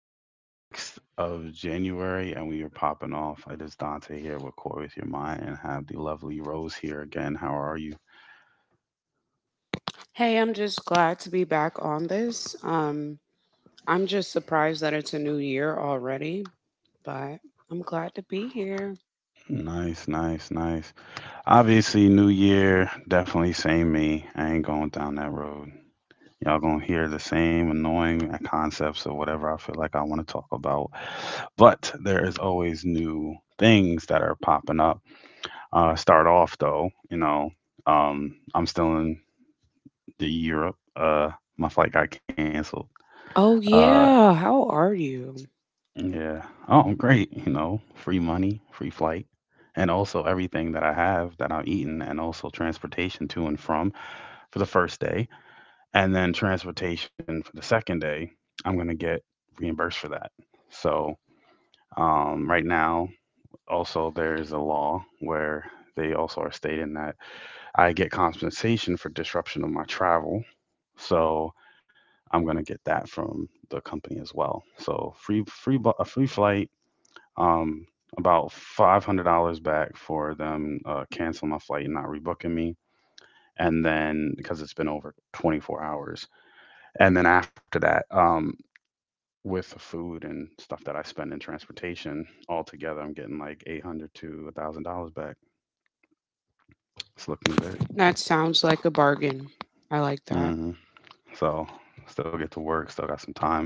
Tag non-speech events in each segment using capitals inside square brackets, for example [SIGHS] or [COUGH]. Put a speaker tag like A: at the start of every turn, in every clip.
A: It is the 6th of January and we are popping off. It is Dante here with Core With Your Mind and have the lovely Rose here again. How are you?
B: Hey, I'm just glad to be back on this. I'm just surprised that it's a new year already, but I'm glad to be here.
A: Nice, nice, nice. Obviously, New Year, definitely same me. I ain't going down that road. Y'all gonna hear the same annoying concepts or whatever I feel like I want to talk about. But there is always new things that are popping up. Start off though, I'm still in to Europe. My flight got canceled.
B: Oh,
A: Uh,
B: yeah. How are you?
A: yeah. Oh, great. Free money, free flight, and also everything that I have that I'm eating, and also transportation to and from for the first day, and then transportation for the second day. I'm gonna get reimbursed for that. So right now, also there's a law where they also are stating that I get compensation for disruption of my travel. So I'm going to get that from the company as well. So free free a free flight, um, about $500 back for them canceling my flight and not rebooking me, and then because it's been over 24 hours, and then after that, with the food and stuff that I spend in transportation altogether, I'm getting like 800 to $1,000 back. It's looking good.
B: That sounds like a bargain. I like that.
A: hmm So still get to work, still got some time.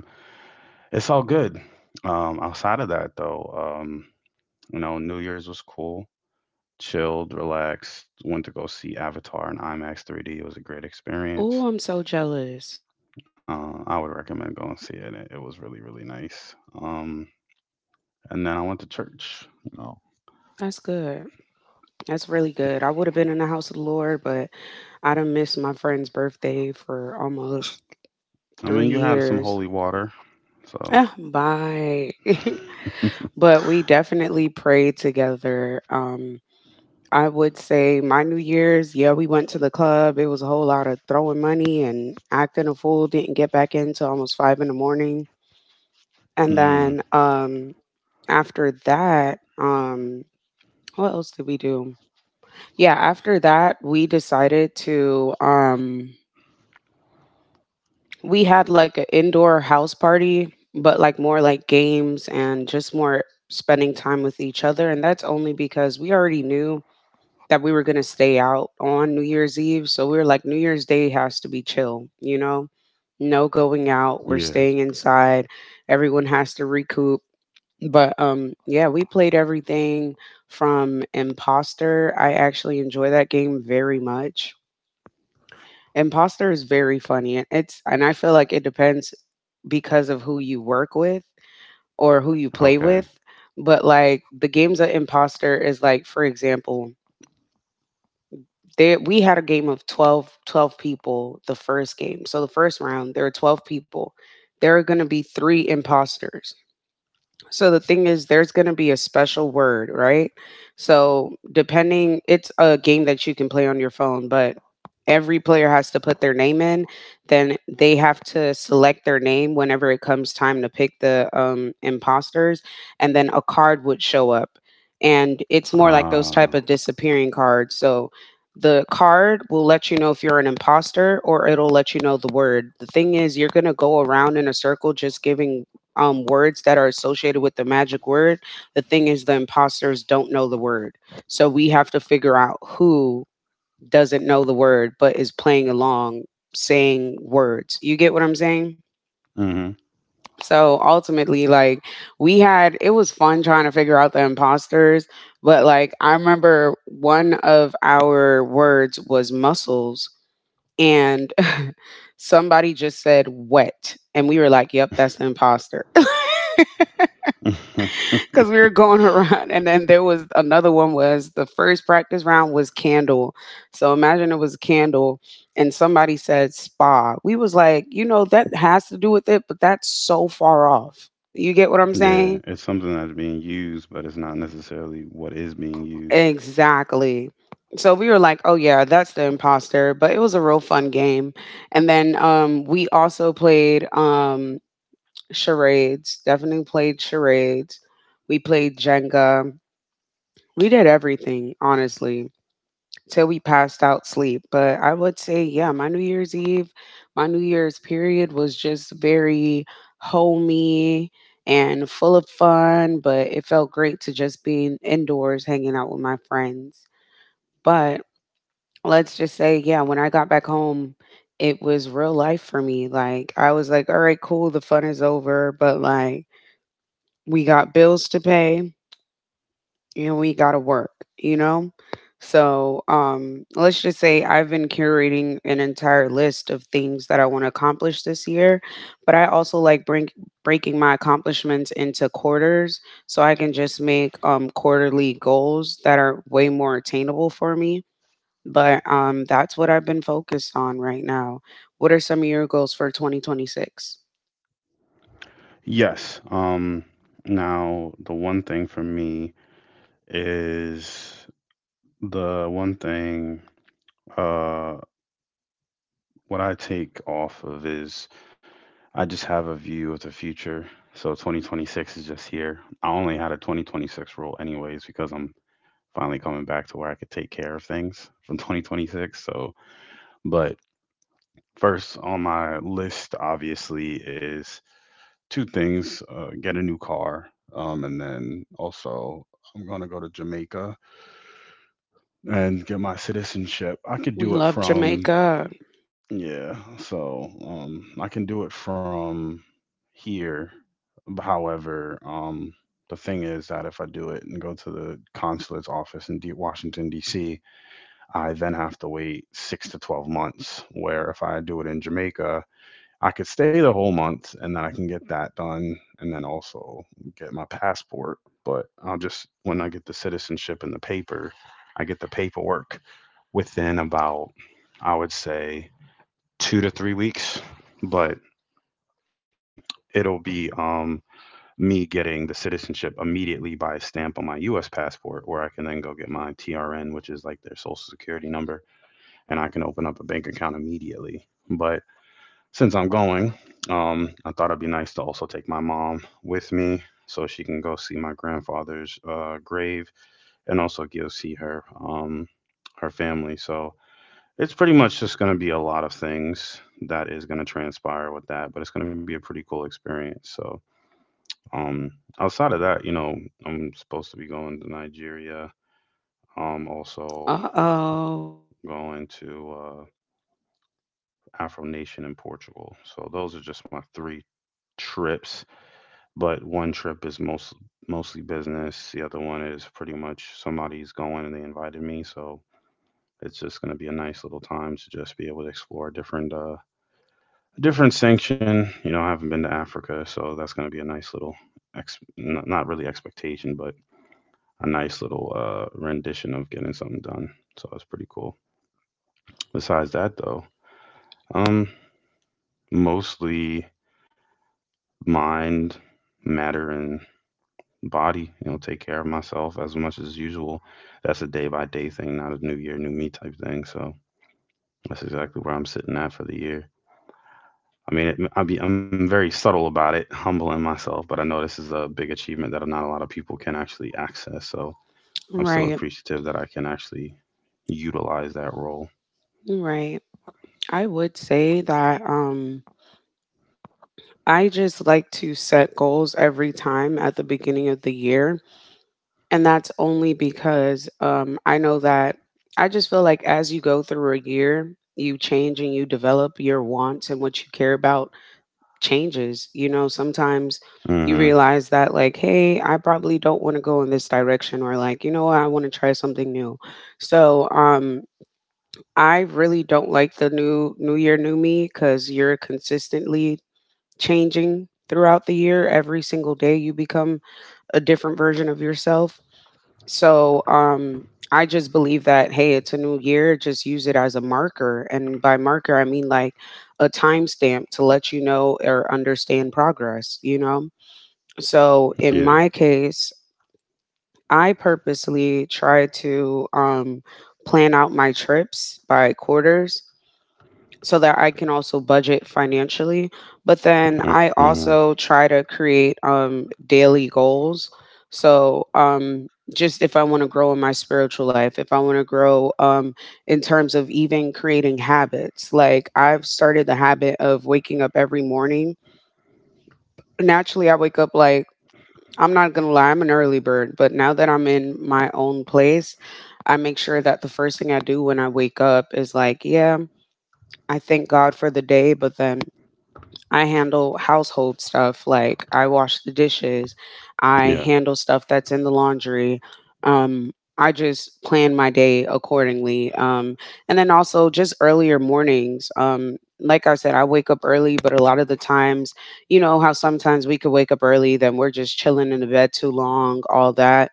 A: It's all good. Outside of that, though, New Year's was cool, chilled, relaxed. Went to go see Avatar in IMAX 3D. It was a great experience.
B: Oh, I'm so jealous.
A: I would recommend going see it. It was really, really nice. Um, and then I went to church.
B: That's good. That's really good. I would have been in the house of the Lord, but I done missed my friend's birthday for almost
A: I mean,
B: three
A: you had some
B: years.
A: holy water, so.
B: Ah, bye. [LAUGHS] But we definitely prayed together. I would say my New Year's, yeah, we went to the club. It was a whole lot of throwing money and acting a fool. Didn't get back in till almost five in the morning. And
A: mm,
B: then after that, what else did we do? Yeah, after that, we decided to, we had like an indoor house party, but like more like games and just more spending time with each other. And that's only because we already knew that we were going to stay out on New Year's Eve. So we were like, New Year's Day has to be chill, you know? No going out. We're
A: yeah,
B: staying inside. Everyone has to recoup. But yeah, we played everything from Imposter. I actually enjoy that game very much. Imposter is very funny and it's and I feel like it depends because of who you work with or who you play
A: okay.
B: with. But like the games of Imposter is like, for example, there we had a game of twelve people the first game. So the first round, there were 12 people. There are going to be three imposters. So the thing is, there's going to be a special word, right? So depending, it's a game that you can play on your phone, but every player has to put their name in. Then they have to select their name whenever it comes time to pick the imposters, and then a card would show up, and it's more like those type of
A: Uh,
B: disappearing cards. So the card will let you know if you're an imposter or it'll let you know the word. The thing is, you're going to go around in a circle just giving words that are associated with the magic word. The thing is, the imposters don't know the word. So we have to figure out who doesn't know the word but is playing along saying words. You get what I'm saying?
A: hmm.
B: So ultimately, like we had, it was fun trying to figure out the imposters. But like I remember one of our words was muscles and [LAUGHS] somebody just said wet and we were like, yep, that's the imposter. [LAUGHS]
A: [LAUGHS] Yeah,
B: Because we were going [LAUGHS] around, and then there was another one, was the first practice round was candle. So imagine it was candle and somebody said spa. We was like, you know that has to do with it, but that's so far off. You get what I'm saying?
A: it's something that's being used, but it's not necessarily what is being used.
B: Exactly. So we were like, oh yeah, that's the imposter. But it was a real fun game. And then we also played charades. Definitely played charades. We played Jenga. We did everything honestly till we passed out sleep. But I would say, yeah, my New Year's Eve, my New Year's period was just very homey and full of fun, but it felt great to just be indoors hanging out with my friends. But let's just say, yeah, when I got back home, it was real life for me. Like, I was like, all right, cool, the fun is over, but like, we got bills to pay and we gotta work, you know? So let's just say I've been curating an entire list of things that I want to accomplish this year, but I also like breaking my accomplishments into quarters so I can just make quarterly goals that are way more attainable for me. But that's what I've been focused on right now. What are some of your goals for 2026?
A: Yes. Now, the one thing for me is the one thing, uh what I take off of is, I just have a view of the future. So 2026 is just here. I only had a 2026 rule anyways because I'm finally coming back to where I could take care of things from 2026. So, but first on my list obviously is two things. Get a new car, and then also I'm going to go to Jamaica and get my citizenship. I could
B: We
A: do it
B: love
A: from.
B: Jamaica.
A: Yeah, so I can do it from here. However, the thing is that if I do it and go to the consulate's office in Washington, D.C., I then have to wait 6 to 12 months. Where if I do it in Jamaica, I could stay the whole month and then I can get that done and then also get my passport. But I'll just, when I get the citizenship and the paper, I get the paperwork within about, I would say, 2 to 3 weeks, but it'll be me getting the citizenship immediately by a stamp on my U.S. passport, where I can then go get my TRN, which is like their social security number, and I can open up a bank account immediately. But since I'm going, I thought it'd be nice to also take my mom with me so she can go see my grandfather's grave and also go see her family. So it's pretty much just going to be a lot of things that is going to transpire with that, but it's going to be a pretty cool experience. So, um, outside of that, I'm supposed to be going to Nigeria. Also
B: Uh oh.
A: going to Afro Nation in Portugal. So those are just my three trips, but one trip is mostly business. The other one is pretty much somebody's going and they invited me, so it's just going to be a nice little time to just be able to explore different a different sanction. I haven't been to Africa, so that's going to be a nice little not really expectation, but a nice little rendition of getting something done. So that's pretty cool. Besides that, though, um, mostly mind, matter, and body. Take care of myself as much as usual. That's a day by day thing, not a new year, new me type thing. So that's exactly where I'm sitting at for the year. I mean, I'm very subtle about it, humble in myself, but I know this is a big achievement that not a lot of people can actually access. So I'm still
B: Right.
A: appreciative that I can actually utilize that role.
B: Right. I would say that I just like to set goals every time at the beginning of the year. And that's only because I know that I just feel like as you go through a year, you change and you develop your wants, and what you care about changes. You know, sometimes you
A: Hmm.
B: realize that, like, hey, I probably don't want to go in this direction, or like, you know what, I want to try something new. So, I really don't like the new New Year, New Me, because you're consistently changing throughout the year. Every single day you become a different version of yourself. So, I just believe that, hey, it's a new year, just use it as a marker. And by marker I mean like a timestamp to let you know or understand progress, you know? So,
A: Yeah.
B: in my case, I purposely try to plan out my trips by quarters so that I can also budget financially. But then I
A: Hmm.
B: also try to create daily goals. So, just if I want to grow in my spiritual life, if I want to grow in terms of even creating habits, like I've started the habit of waking up every morning. Naturally, I wake up like, I'm not going to lie, I'm an early bird, but now that I'm in my own place, I make sure that the first thing I do when I wake up is like, yeah, I thank God for the day, but then I handle household stuff like I wash the dishes,
A: Yeah.
B: I handle stuff that's in the laundry. Um, I just plan my day accordingly. And then also just earlier mornings. Like I said, I wake up early, but a lot of the times, you know, how sometimes we could wake up early, then we're just chilling in the bed too long, all that.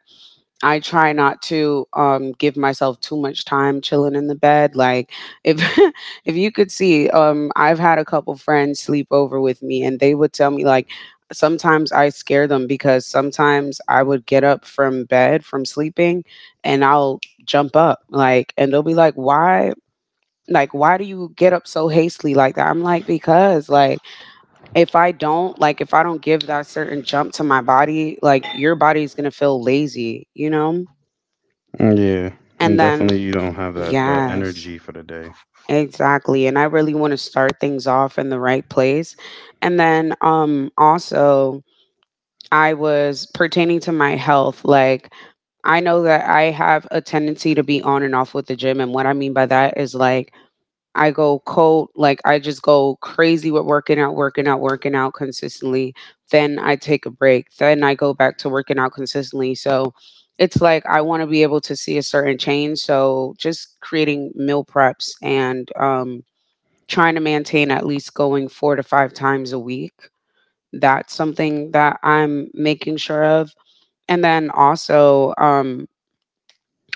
B: I try not to give myself too much time chilling in the bed. Like if [LAUGHS] if you could see, I've had a couple friends sleep over with me and they would tell me like sometimes I scare them because sometimes I would get up from bed from sleeping and I'll jump up like, and they'll be like, "Why?" Like, why do you get up so hastily like that? I'm like, because like if I don't, like if I don't give that certain jump to my body, like your body's gonna feel lazy, you know?
A: Yeah.
B: And
A: And
B: then,
A: definitely, you don't have that
B: yes,
A: energy for the day.
B: exactly. And I really want to start things off in the right place. And then, also, I was pertaining to my health. Like, I know that I have a tendency to be on and off with the gym. And what I mean by that is like, I go cold, like I just go crazy with working out, working out, working out consistently. Then I take a break. Then I go back to working out consistently. So it's like I want to be able to see a certain change. So just creating meal preps and trying to maintain at least going 4 to 5 times a week. That's something that I'm making sure of. And then also,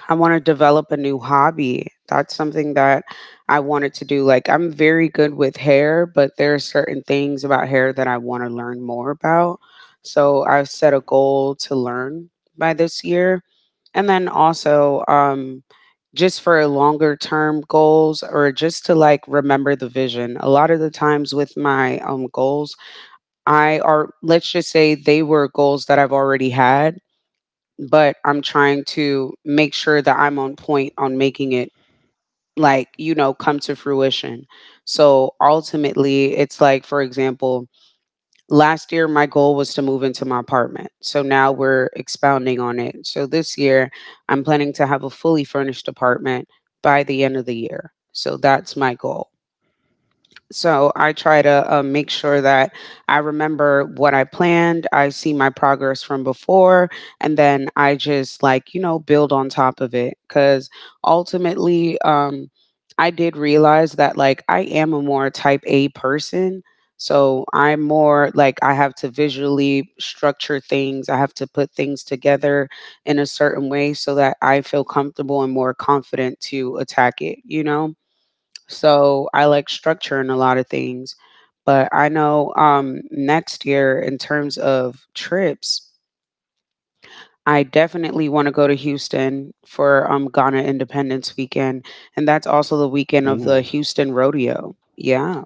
B: I want to develop a new hobby. That's something that I wanted to do. Like, I'm very good with hair, but there are certain things about hair that I want to learn more about. So, I've set a goal to learn by this year. And then also, just for longer term goals or just to like remember the vision. A lot of the times with my goals, I are let's just say they were goals that I've already had, but I'm trying to make sure that I'm on point on making it, like, you know, come to fruition. So ultimately, it's like, for example, last year my goal was to move into my apartment. So now we're expounding on it. So this year I'm planning to have a fully furnished apartment by the end of the year. So that's my goal. So I try to make sure that I remember what I planned. I see my progress from before, and then I just like, you know, build on top of it, because ultimately, I did realize that like I am a more type A person. So I'm more like I have to visually structure things. I have to put things together in a certain way so that I feel comfortable and more confident to attack it, you know? So I like structure in a lot of things. But I know next year, in terms of trips, I definitely want to go to Houston for Ghana Independence Weekend. And that's also the weekend of
A: Ooh.
B: the Houston Rodeo. Yeah.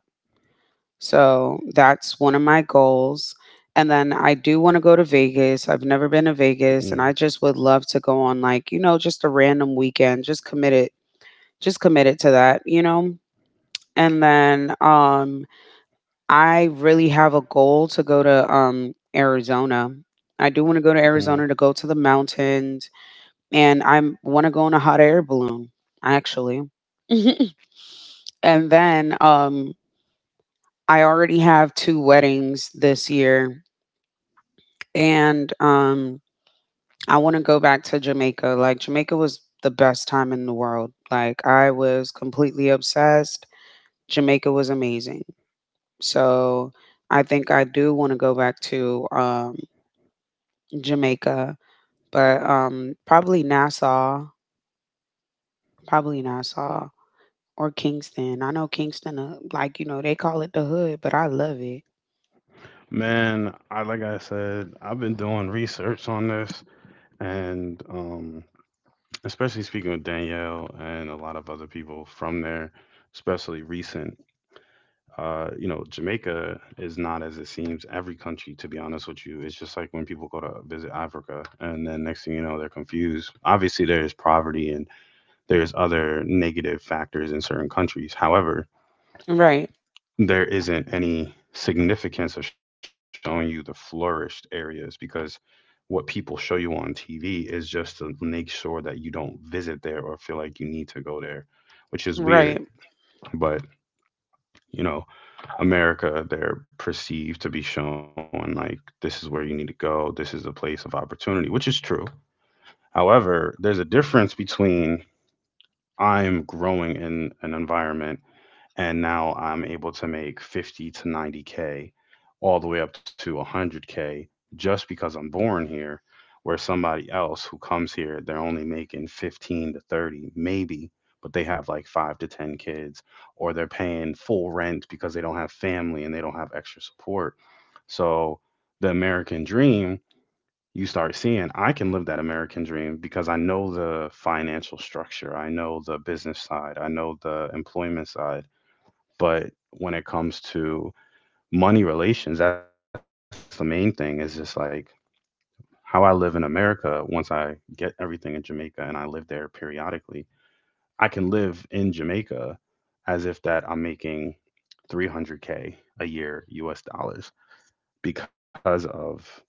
B: So that's one of my goals. And then I do want to go to Vegas.
A: Yeah.
B: I've never been to Vegas, and I just would love to go on, just a random weekend. Just commit it. Just commit it to that. And then I really have a goal to go to Arizona.
A: Mm.
B: I do want to go to Arizona to go to the mountains, and I want to go in a hot air balloon actually. [LAUGHS] and then I already have two weddings this year, and I want to go back to Jamaica. Like, Jamaica was the best time in the world. Like, I was completely obsessed. Jamaica was amazing. So I think I do want to go back to Jamaica, but probably Nassau or Kingston. I know Kingston, they call it the hood, but I love it.
A: Man, I, like I said, I've been doing research on this, and, especially speaking with Danielle and a lot of other people from there, especially recent. Jamaica is not as it seems. Every country, to be honest with you, it's just like when people go to visit Africa, and then next thing you know, they're confused. Obviously, there's poverty and there's other negative factors in certain countries. However,
B: Right,
A: there isn't any significance of showing you the flourished areas because what people show you on TV is just to make sure that you don't visit there or feel like you need to go there, which is weird.
B: right.
A: But, you know, America, they're perceived to be showing like this is where you need to go, this is a place of opportunity, which is true. However, there's a difference between I'm growing in an environment and now I'm able to make 50 to 90K, all the way up to 100K, just because I'm born here. Where somebody else who comes here, they're only making 15 to 30, maybe, but they have like five to 10 kids, or they're paying full rent because they don't have family and they don't have extra support. So the American dream. You start seeing, I can live that American dream because I know the financial structure. I know the business side. I know the employment side but when it comes to money relations, that's the main thing is just like how I live in America once I get everything in Jamaica and I live there periodically. I can live in Jamaica as if that I'm making 300K a year US dollars because of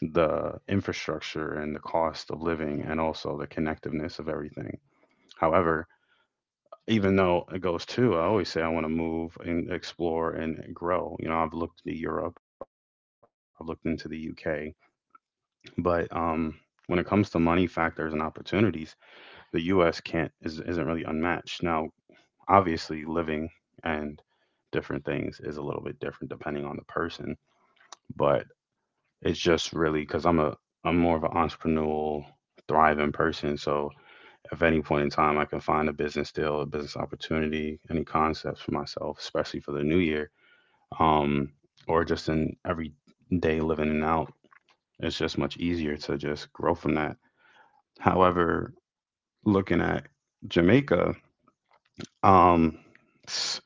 A: the infrastructure and the cost of living and also the connectiveness of everything. However, even though it goes to, I always say I want to move and explore and grow. I've looked into Europe, I've looked into the UK, but when it comes to money factors and opportunities, the US can't is, isn't really unmatched. Now, obviously, living and different things is a little bit different depending on the person, but it's just really because I'm more of an entrepreneurial, thriving person. So if at any point in time I can find a business deal, a business opportunity, any concepts for myself, especially for the new year, um, or just in everyday living and out, it's just much easier to just grow from that. However, looking at Jamaica, um, s-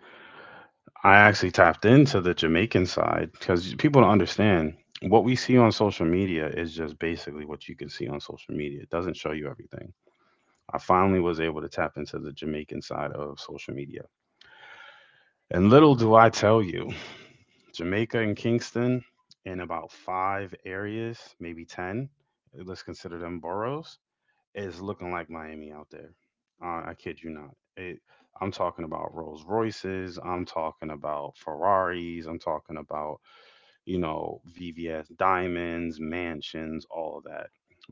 A: I actually tapped into the Jamaican side because people don't understand what we see on social media is just basically what you can see on social media. It doesn't show you everything. I finally was able to tap into the Jamaican side of social media. And little do I tell you, Jamaica and Kingston, in about five areas, maybe 10, let's consider them boroughs, is looking like Miami out there. I kid you not. I'm talking about Rolls Royces. I'm talking about Ferraris. I'm talking about, VVS diamonds, mansions, all of that.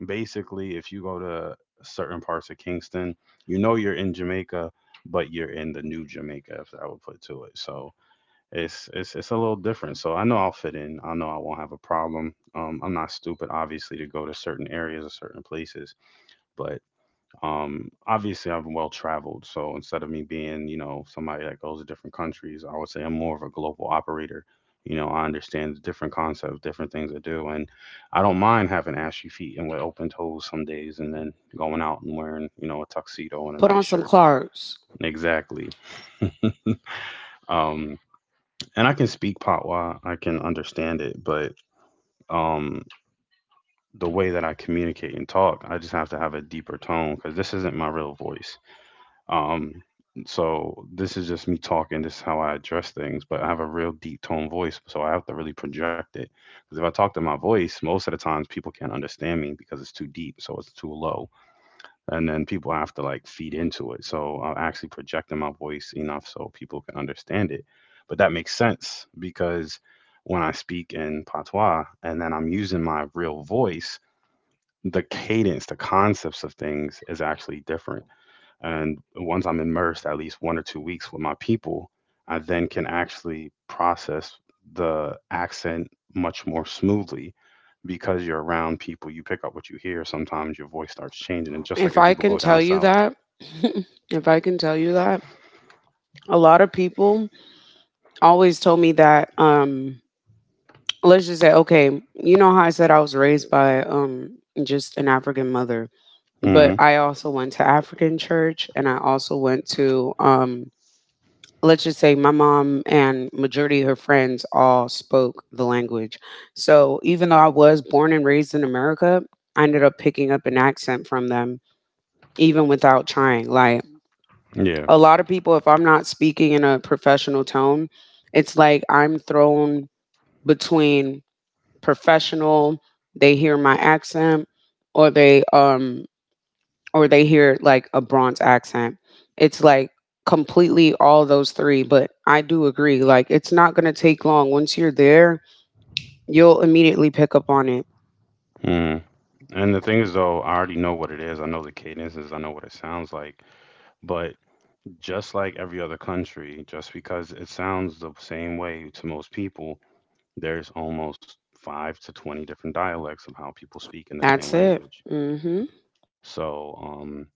A: Basically, if you go to certain parts of Kingston, you know you're in Jamaica, but you're in the new Jamaica, if I would put to it. So, it's a little different. So I know I'll fit in. I know I won't have a problem. I'm not stupid, obviously, to go to certain areas or certain places. But obviously, I'm well traveled. So instead of me being, somebody that goes to different countries, I would say I'm more of a global operator. I understand the different concepts, different things to do, and I don't mind having ashy feet and with open toes some days, and then going out and wearing, a tuxedo and a
B: Put
A: nice
B: on some
A: shirt.
B: Clarks.
A: Exactly. Um, and I can speak Patwa, I can understand it, but um, the way that I communicate and talk. I just have to have a deeper tone because this isn't my real voice. Um, so this is just me talking. This is how I address things, but I have a real deep tone voice, so I have to really project it. Because if I talk to my voice, most of the times people can't understand me because it's too deep, so it's too low, and then people have to like feed into it. So I'm actually projecting my voice enough so people can understand it. But that makes sense because when I speak in patois and then I'm using my real voice, the cadence, the concepts of things is actually different. And once I'm immersed at least 1 or 2 weeks with my people, I then can actually process the accent much more smoothly because you're around people, you pick up what you hear. Sometimes your voice starts changing. And just like
B: If
A: if
B: I
A: people
B: can
A: go down
B: tell you
A: south.
B: that, [LAUGHS] if I can tell you that, a lot of people always told me that. Let's just say, okay, you know how I said I was raised by just an African mother, but
A: Hmm.
B: I also went to African church, and I also went to let's just say my mom and majority of her friends all spoke the language. So even though I was born and raised in America, I ended up picking up an accent from them even without trying. Like,
A: Yeah.
B: a lot of people, if I'm not speaking in a professional tone, it's like I'm thrown between professional, they hear my accent, or they or they hear like a Bronx accent. It's like completely all those three, but I do agree. Like, it's not going to take long. Once you're there, you'll immediately pick up on it.
A: Mm. And the thing is, though, I already know what it is. I know the cadences. I know what it sounds like. But just like every other country, just because it sounds the same way to most people, there's almost five to 20 different dialects of how people speak in the same
B: That's it.
A: language.
B: Hmm.
A: So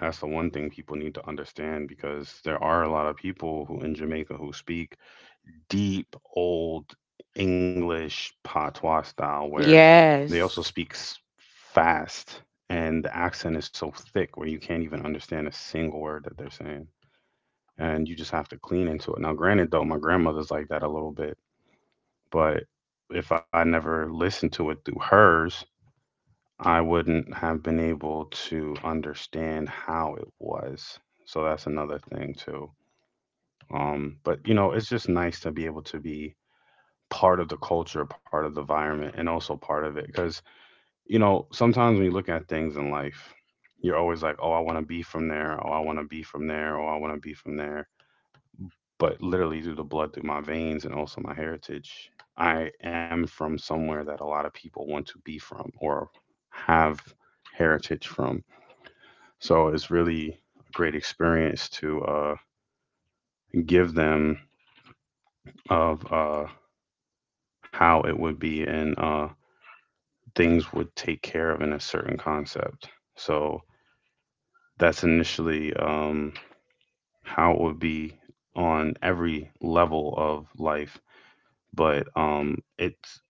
A: that's the one thing people need to understand because there are a lot of people who in Jamaica who speak deep old English patois style where they
B: Yes.
A: also speak fast and the accent is so thick where you can't even understand a single word that they're saying and you just have to clean into it. Now, granted, though, my grandmother's like that a little bit. But if I never listened to it through hers, I wouldn't have been able to understand how it was. So that's another thing too. But it's just nice to be able to be part of the culture, part of the environment, and also part of it. Because sometimes when you look at things in life, you're always like, "Oh, I want to be from there. Oh, I want to be from there. Oh, I want to be from there." But literally through the blood through my veins and also my heritage, I am from somewhere that a lot of people want to be from or have heritage from. So it's really a great experience to give them of how it would be and things would take care of in a certain concept. So that's initially how it would be on every level of life. But it's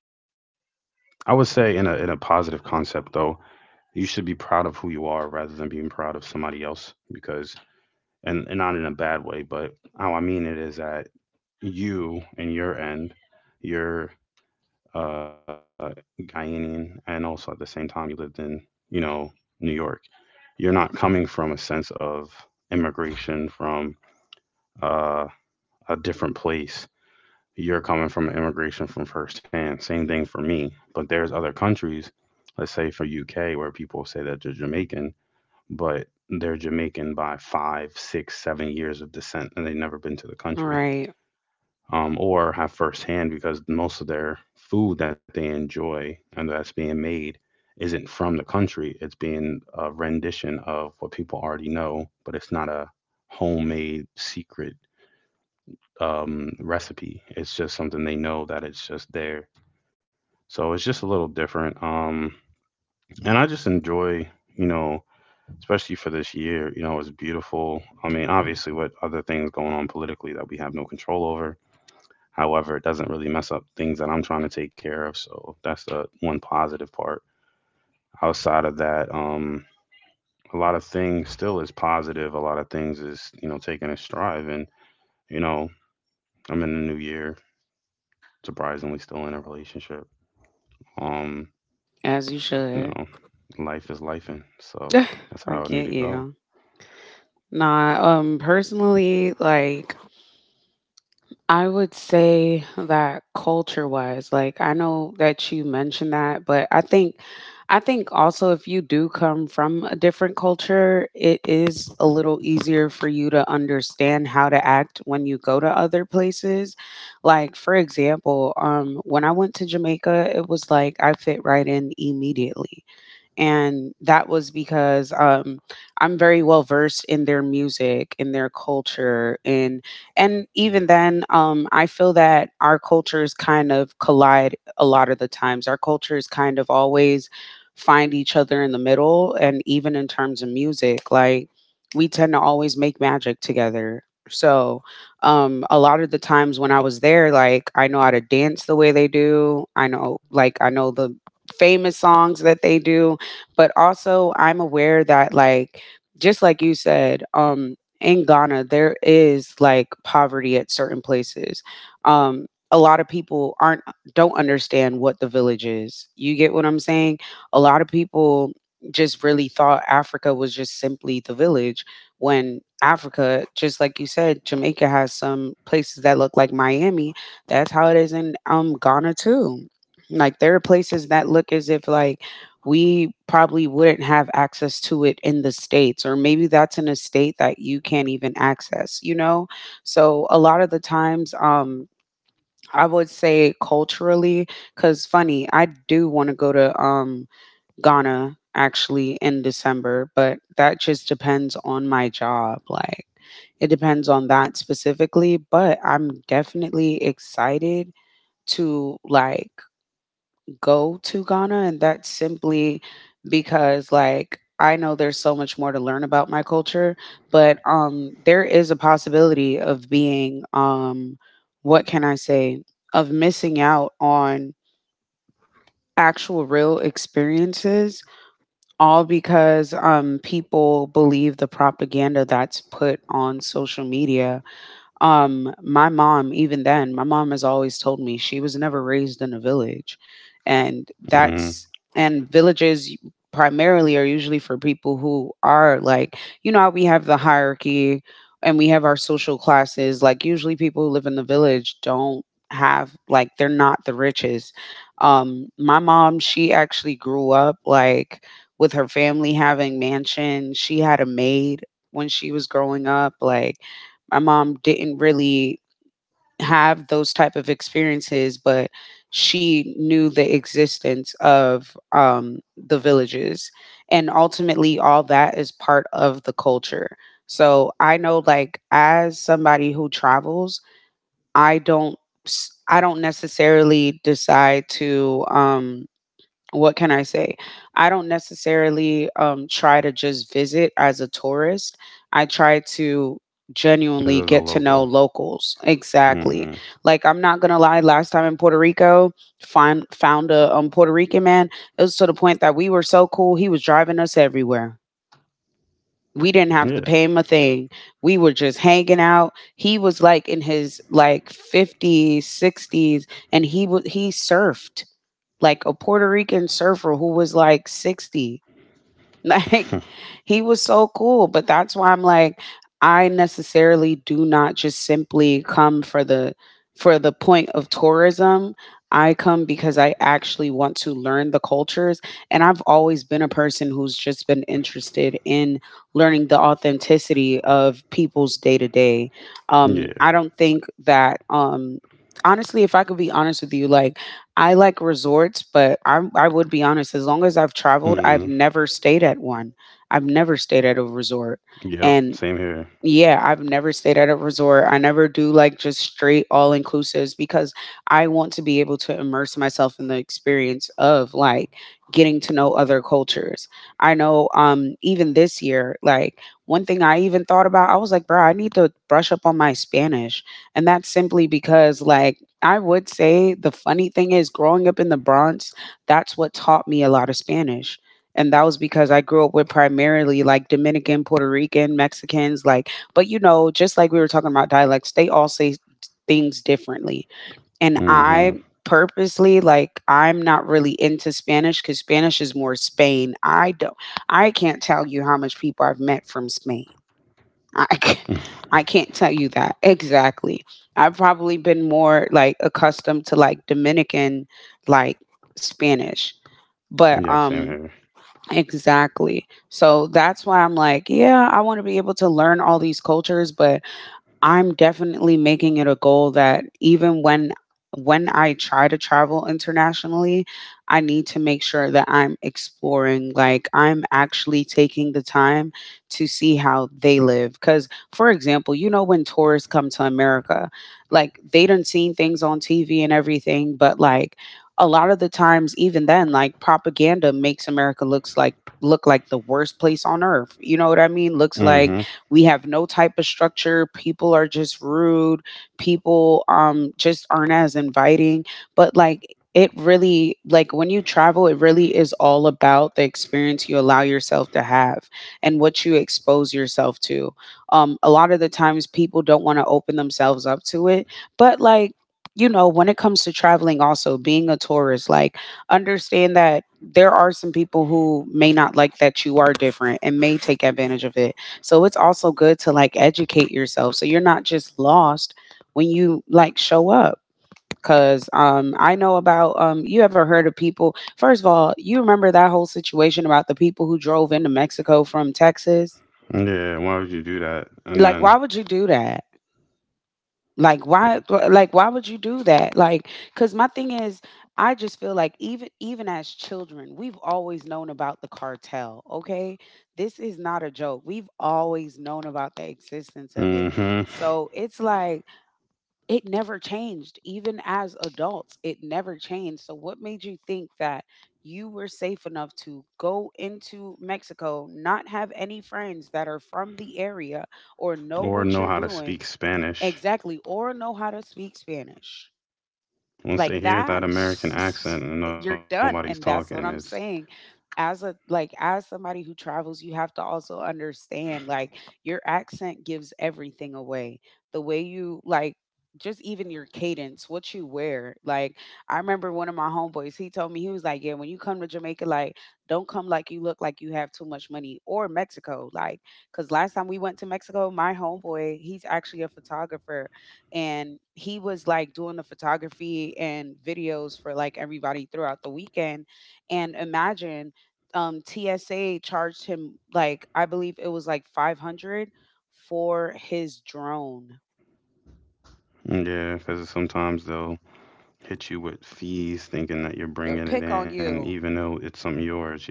A: I would say in a positive concept though, you should be proud of who you are rather than being proud of somebody else because, and not in a bad way, but how I mean it is that you and your end, you're uh Guyanian and also at the same time you lived in, you know, New York. You're not coming from a sense of immigration from uh a different place. You're coming from immigration from firsthand. Same thing for me. But there's other countries, let's say for UK, where people say that they're Jamaican, but they're Jamaican by 5, 6, 7 years of descent, and they've never been to the country,
B: Right.
A: or have firsthand because most of their food that they enjoy and that's being made isn't from the country. It's being a rendition of what people already know, but it's not a homemade secret recipe. It's just something they know that it's just there. So it's just a little different. And I just enjoy, you know, especially for this year, it's beautiful. I mean, obviously, what other things going on politically that we have no control over. However, it doesn't really mess up things that I'm trying to take care of. So that's the one positive part. Outside of that, a lot of things still is positive. A lot of things is, taking a strive. And, you know, I'm in the new year, surprisingly, still in a relationship. Um,
B: As you
A: you
B: should.
A: know, life is life, and so
B: [SIGHS]
A: that's
B: I
A: how it
B: get
A: need to go.
B: you. Nah, personally, like, I would say that culture wise, like, I know that you mentioned that, but I think also, if you do come from a different culture, it is a little easier for you to understand how to act when you go to other places. Like, for example, when I went to Jamaica, it was like I fit right in immediately, and that was because I'm very well versed in their music, in their culture, and even then, I feel that our cultures kind of collide a lot of the times. Our cultures kind of always find each other in the middle, and even in terms of music, like, we tend to always make magic together. So, a lot of the times when I was there, like, I know how to dance the way they do. I know the famous songs that they do, but also, I'm aware that, like, just like you said, in Ghana, there is like poverty at certain places. A lot of people aren't don't understand what the village is. You get what I'm saying? A lot of people just really thought Africa was just simply the village, when Africa, just like you said, Jamaica has some places that look like Miami. That's how it is in Ghana too. Like, there are places that look as if like we probably wouldn't have access to it in the States, or maybe that's in a state that you can't even access, you know? So a lot of the times, I would say culturally, because funny, I do want to go to Ghana actually in December, but that just depends on my job. Like, it depends on that specifically, but I'm definitely excited to like go to Ghana, and that's simply because like I know there's so much more to learn about my culture, but there is a possibility of being what can I say, of missing out on actual real experiences all because people believe the propaganda that's put on social media. Um, my mom, even then, my mom has always told me she was never raised in a village. And
A: Mm,
B: that's, and villages primarily are usually for people who are like, you know, how we have the hierarchy and we have our social classes. Like, usually people who live in the village don't have, like, they're not the richest. My mom, she actually grew up like with her family having mansions. She had a maid when she was growing up. Like, my mom didn't really have those type of experiences, but she knew the existence of the villages. And ultimately, all that is part of the culture. So I know, like, as somebody who travels, I don't, I don't necessarily decide to, what can I say? I don't necessarily try to just visit as a tourist. I try to
A: this is
B: genuinely
A: a
B: get to know
A: local.
B: locals. Exactly.
A: Mm,
B: Like, I'm not gonna lie. Last time in Puerto Rico, find found a Puerto Rican man. It was to the point that we were so cool. He was driving us everywhere. We didn't have to
A: yeah.
B: pay him a thing. We were just hanging out. He was like in his like 50s, 60s, and he surfed like a Puerto Rican surfer who was like 60. [LAUGHS] Like,
A: [LAUGHS]
B: he was so cool, but that's why I'm like, I necessarily do not just simply come for the point of tourism. I come because I actually want to learn the cultures, and I've always been a person who's just been interested in learning the authenticity of people's day to day.
A: Yeah.
B: I don't think that um, honestly, if I could be honest with you, like, I like resorts, but I would be honest, as long as
A: Mm,
B: I've traveled, I've never stayed at one. I've never stayed at a
A: yep,
B: resort.
A: same here.
B: And yeah, I've never stayed at a resort. I never do like just straight all inclusives because I want to be able to immerse myself in the experience of like getting to know other cultures. I know even this year, like, one thing I even thought about, I was like, bro, I need to brush up on my Spanish. And that's simply because like, I would say the funny thing is growing up in the Bronx, that's what taught me a lot of Spanish. And that was because I grew up with primarily like Dominican, Puerto Rican, Mexicans, like, but you know, just like we were talking about dialects, they all say things differently. And
A: Hmm.
B: I purposely like, I'm not really into Spanish cuz Spanish is more Spain. I can't tell you how much people I've met from Spain. I can't,
A: [LAUGHS]
B: I can't tell you that exactly. I've probably been more like accustomed to like Dominican, like, Spanish, but
A: Yeah, same
B: um
A: here.
B: exactly, so that's why I'm like, yeah, I want to be able to learn all these cultures, but I'm definitely making it a goal that even when I try to travel internationally, I need to make sure that I'm exploring, like, I'm actually taking the time to see how they live. Cause for example, you know, when tourists come to America, like, they done seen things on TV and everything, but like a lot of the times, even then, like, propaganda makes America look like the worst place on earth. You know what I mean? Looks
A: Hmm.
B: like we have no type of structure. People are just rude. People just aren't as inviting. But like, it really, like, when you travel, it really is all about the experience you allow yourself to have and what you expose yourself to. Um, a lot of the times people don't want to open themselves up to it. But like, you know, when it comes to traveling, also being a tourist, like, understand that there are some people who may not like that you are different and may take advantage of it. So it's also good to like educate yourself so you're not just lost when you like show up. Cause I know about you ever heard of people? First of all, you remember that whole situation about the people who drove into Mexico from Texas?
A: Yeah, why would you do that? And
B: Like, why
A: then.
B: would you do that? like why like, why would you do that? Like, because my thing is, I just feel like, even as children, we've always known about the cartel. Okay, this is not a joke. We've always known about the existence of it.
A: Hmm.
B: So it's like, it never changed. Even as adults, it never changed. So what made you think that you were safe enough to go into Mexico, not have any friends that are from the area or know
A: Or
B: what
A: know
B: you're
A: how to
B: doing?
A: speak Spanish.
B: Exactly. Or know how to speak Spanish.
A: Once they
B: Like
A: hear that
B: that,
A: American accent and
B: [LAUGHS] you're
A: nobody's
B: done.
A: talking,
B: And
A: it's.
B: that's what I'm saying. As a, like, as somebody who travels, you have to also understand, like, your accent gives everything away. The way you like, just even your cadence, what you wear. Like I remember one of my homeboys, he told me he was like, "Yeah, when you come to Jamaica, like don't come like you look like you have too much money." Or Mexico, like because last time we went to Mexico, my homeboy, he's actually a photographer and he was like doing the photography and videos for like everybody throughout the weekend. And imagine TSA charged him like I believe it was like 500 for his drone.
A: Yeah, because sometimes they'll hit you with fees thinking that you're
B: They'll
A: bringing it
B: pick on
A: in, even
B: you.
A: though it's something yours. Yeah.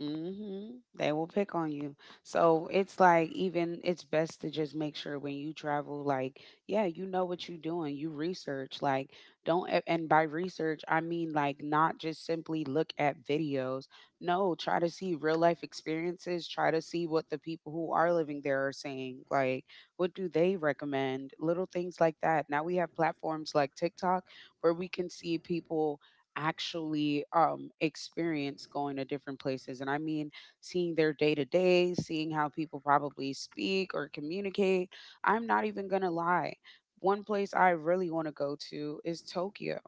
B: Mhm. They will pick on you. So it's like even it's best to just make sure when you travel, like, yeah, you know what you're doing. You research. Like, don't a- and by research I mean like not just simply look at videos. No, try to see real life experiences. Try to see what the people who are living there are saying. Like, what do they recommend? Little things like that. Now we have platforms like TikTok where we can see people actually experience going to different places. And I mean, seeing their day to day, seeing how people probably speak or communicate. I'm not even going to lie. One place I really want to go to is Tokyo.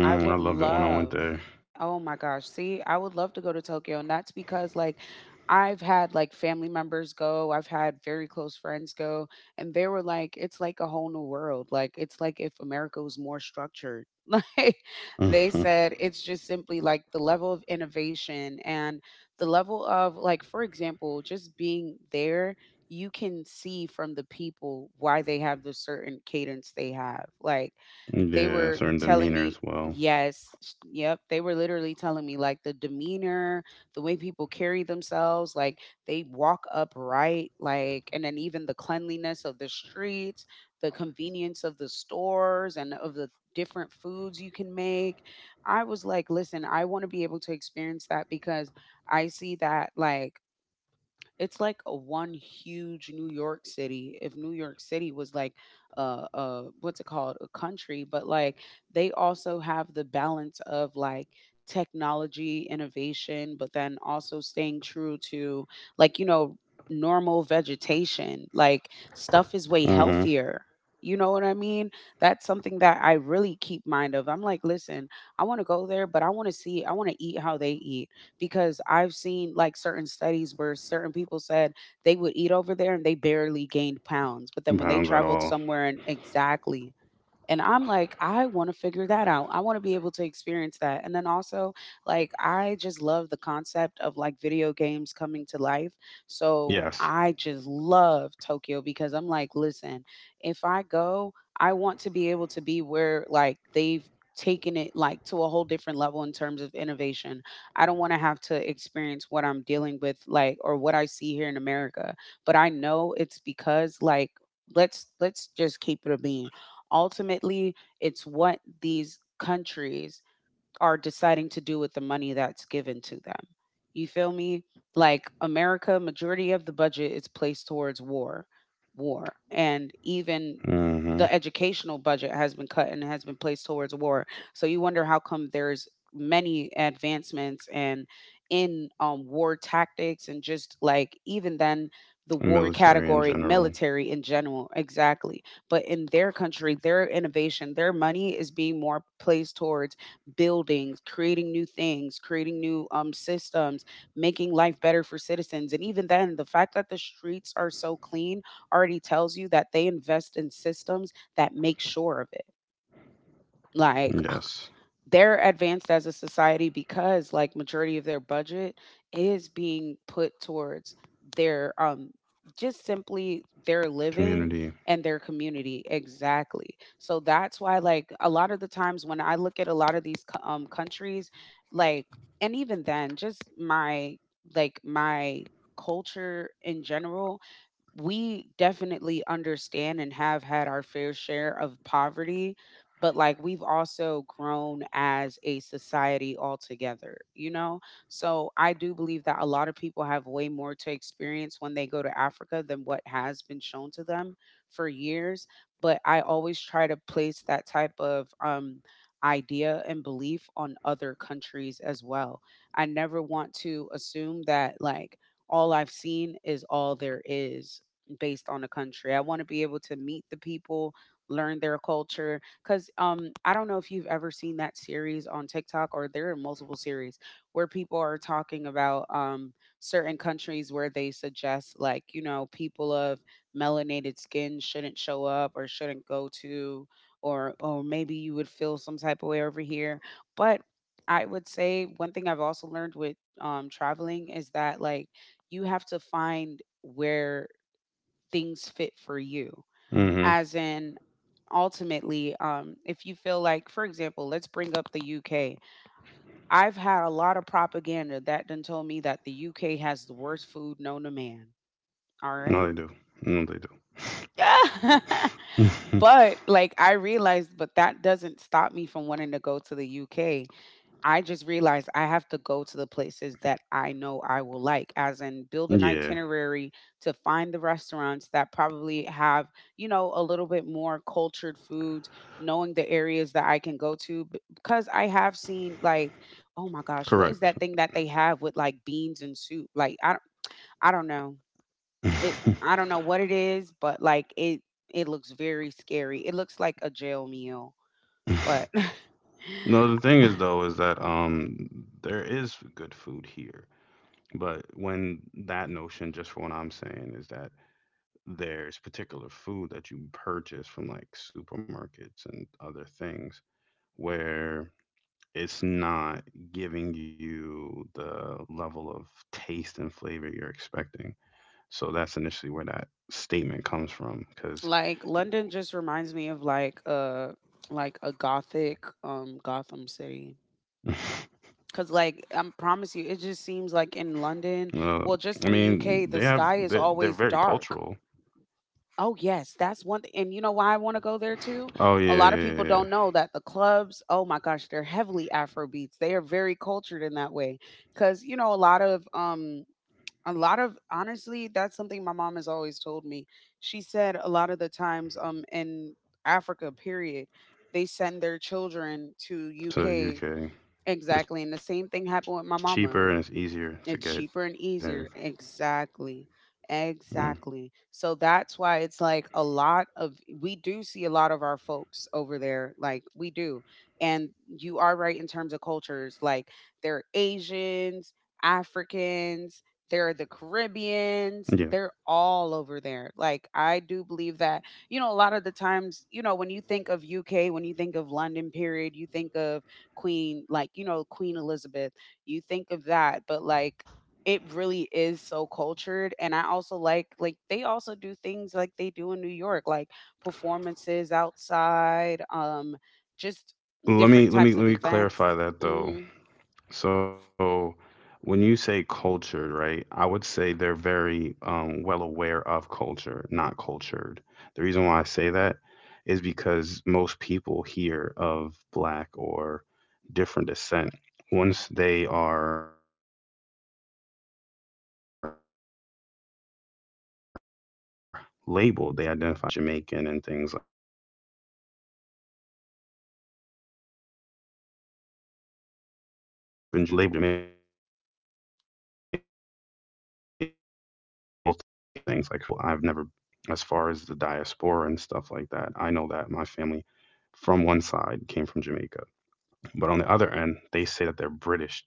B: I
A: I
B: would
A: love it when I went
B: love,
A: there. [LAUGHS]
B: oh my gosh, see, I would love to go to Tokyo, and that's because, like, I've had, like, family members go, I've had very close friends go, and they were like, "It's like a whole new world." Like, it's like if America was more structured. [LAUGHS] Like, they
A: Mhm.
B: said it's just simply, like, the level of innovation and the level of, like, for example, just being there, you can see from the people why they have the certain cadence they have. Like, they
A: Yeah,
B: were
A: certain
B: telling
A: demeanor as
B: me,
A: well.
B: yep, they were literally telling me like the demeanor, the way people carry themselves, like they walk upright, like, and then even the cleanliness of the streets, the convenience of the stores and of the different foods you can make. I was like, listen, I want to be able to experience that because I see that like it's like a one huge New York City. If New York City was like what's it called? A country, but like they also have the balance of like technology, innovation, but then also staying true to, like, you know, normal vegetation. Like stuff is way
A: Hmm.
B: healthier. You know what I mean? That's something that I really keep mind of. I'm like, listen, I want to go there, but I want to see, I want to eat how they eat because I've seen like certain studies where certain people said they would eat over there and they barely gained pounds. But then when they
A: Pounds at
B: traveled
A: all.
B: somewhere and exactly, and I'm like, I want to figure that out. I want to be able to experience that. And then also, like, I just love the concept of like video games coming to life. So
A: Yes.
B: I just love Tokyo because I'm like, listen, if I go, I want to be able to be where like they've taken it like to a whole different level in terms of innovation. I don't want to have to experience what I'm dealing with like or what I see here in America, but I know it's because like let's just keep it a beam. Ultimately, it's what these countries are deciding to do with the money that's given to them. You feel me? Like America, majority of the budget is placed towards war, war, and even
A: Hmm.
B: the educational budget has been cut and has been placed towards war. So you wonder how come there's many advancements and in war tactics and just like even then the war
A: Military in
B: category,
A: general.
B: military in general, exactly. But in their country, their innovation, their money is being more placed towards buildings, creating new things, creating new systems, making life better for citizens. And even then, the fact that the streets are so clean already tells you that they invest in systems that make sure of it. Like,
A: Yes.
B: [LAUGHS] they're advanced as a society because like majority of their budget is being put towards their just simply their living
A: Community.
B: and their community, exactly. So that's why like a lot of the times when I look at a lot of these countries, like, and even then just my like my culture in general, we definitely understand and have had our fair share of poverty, but like we've also grown as a society altogether, you know? So I do believe that a lot of people have way more to experience when they go to Africa than what has been shown to them for years. But I always try to place that type of idea and belief on other countries as well. I never want to assume that, like, all I've seen is all there is based on the country. I want to be able to meet the people, learn their culture. Because I don't know if you've ever seen that series on TikTok, or there are multiple series where people are talking about certain countries where they suggest, like, you know, people of melanated skin shouldn't show up or shouldn't go to, or maybe you would feel some type of way over here. But I would say one thing I've also learned with traveling is that, like, you have to find where things fit for you.
A: Hmm.
B: As in, ultimately, if you feel like, for example, let's bring up the UK. I've had a lot of propaganda that done told me that the UK has the worst food known to man. All
A: No, they
B: right.
A: do. No, they
B: [LAUGHS]
A: do.
B: But like I realized, but that doesn't stop me from wanting to go to the UK. I just realized I have to go to the places that I know I will like, as in
A: [LAUGHS]
B: build an
A: Yeah,
B: itinerary to find the restaurants that probably have, you know, a little bit more cultured foods, knowing the areas that I can go to. Because I have seen, like, oh my gosh,
A: correct. [LAUGHS]
B: what is that thing that they have with like beans and soup? Like, I don't know. I don't know what it is, but like it looks very scary. It looks like a jail meal, but [LAUGHS]
A: No, the thing is though is that there is good food here, but when that notion, just for what I'm saying, is that there's particular food that you purchase from like supermarkets and other things where it's not giving you the level of taste and flavor you're expecting. So that's initially where that statement comes from because
B: like London just reminds me of like a gothic Gotham City.
A: [LAUGHS]
B: Cause like I promise
A: uh,
B: you, it just
A: I
B: seems like
A: mean
B: in London,
A: they're,
B: well,
A: they're
B: just in
A: very
B: the UK,
A: cultural.
B: the sky is always dark. Oh yes, that's one. And you know why I want to go there
A: Oh yeah,
B: too.
A: yeah,
B: A
A: yeah,
B: lot
A: yeah.
B: of people don't know that the clubs, oh my gosh, they're heavily Afro beats. They are very cultured in that way, because you know a lot of honestly that's something my mom has always told me. She said a lot of the times in Africa, period, they send their children to UK,
A: To the UK.
B: exactly, and the
A: It's
B: same thing
A: cheaper
B: happened
A: and
B: with
A: it's
B: my
A: easier
B: mama.
A: to get there.
B: It's cheaper and easier.
A: Mm,
B: Exactly. Exactly. So that's why it's like a lot of, we do see a lot of our folks over there, like we do. And you are right in terms of cultures, like there are Asians, Africans, there are
A: yeah.
B: the Caribbeans, they're all over there. Like I do believe that you know a lot of the times, you know, when you think of UK, when you think of London period, you think of Queen, like you know, Queen Elizabeth, you think of that, but, like, it really is so cultured, and I also like they also do things like they do in New York, like performances outside, just different
A: Let me
B: types of
A: let me let me
B: events.
A: clarify that
B: Mhm.
A: though. So when you say cultured, right, I would say they're very well aware of culture, not cultured. The reason why I say that is because most people here of black or different descent, once they are labeled, they identify as a Brit. They don't label themselves as African, Jamaican, and things like that. Even when you label things, like for me, I say I'm a Jamaican American even though I've never grew up in Jamaica, because I have Jamaican blood in my system, as far as the diaspora and stuff like that, I know that my family from one side came from Jamaica. But on the other end, they say that they're British Jamaican,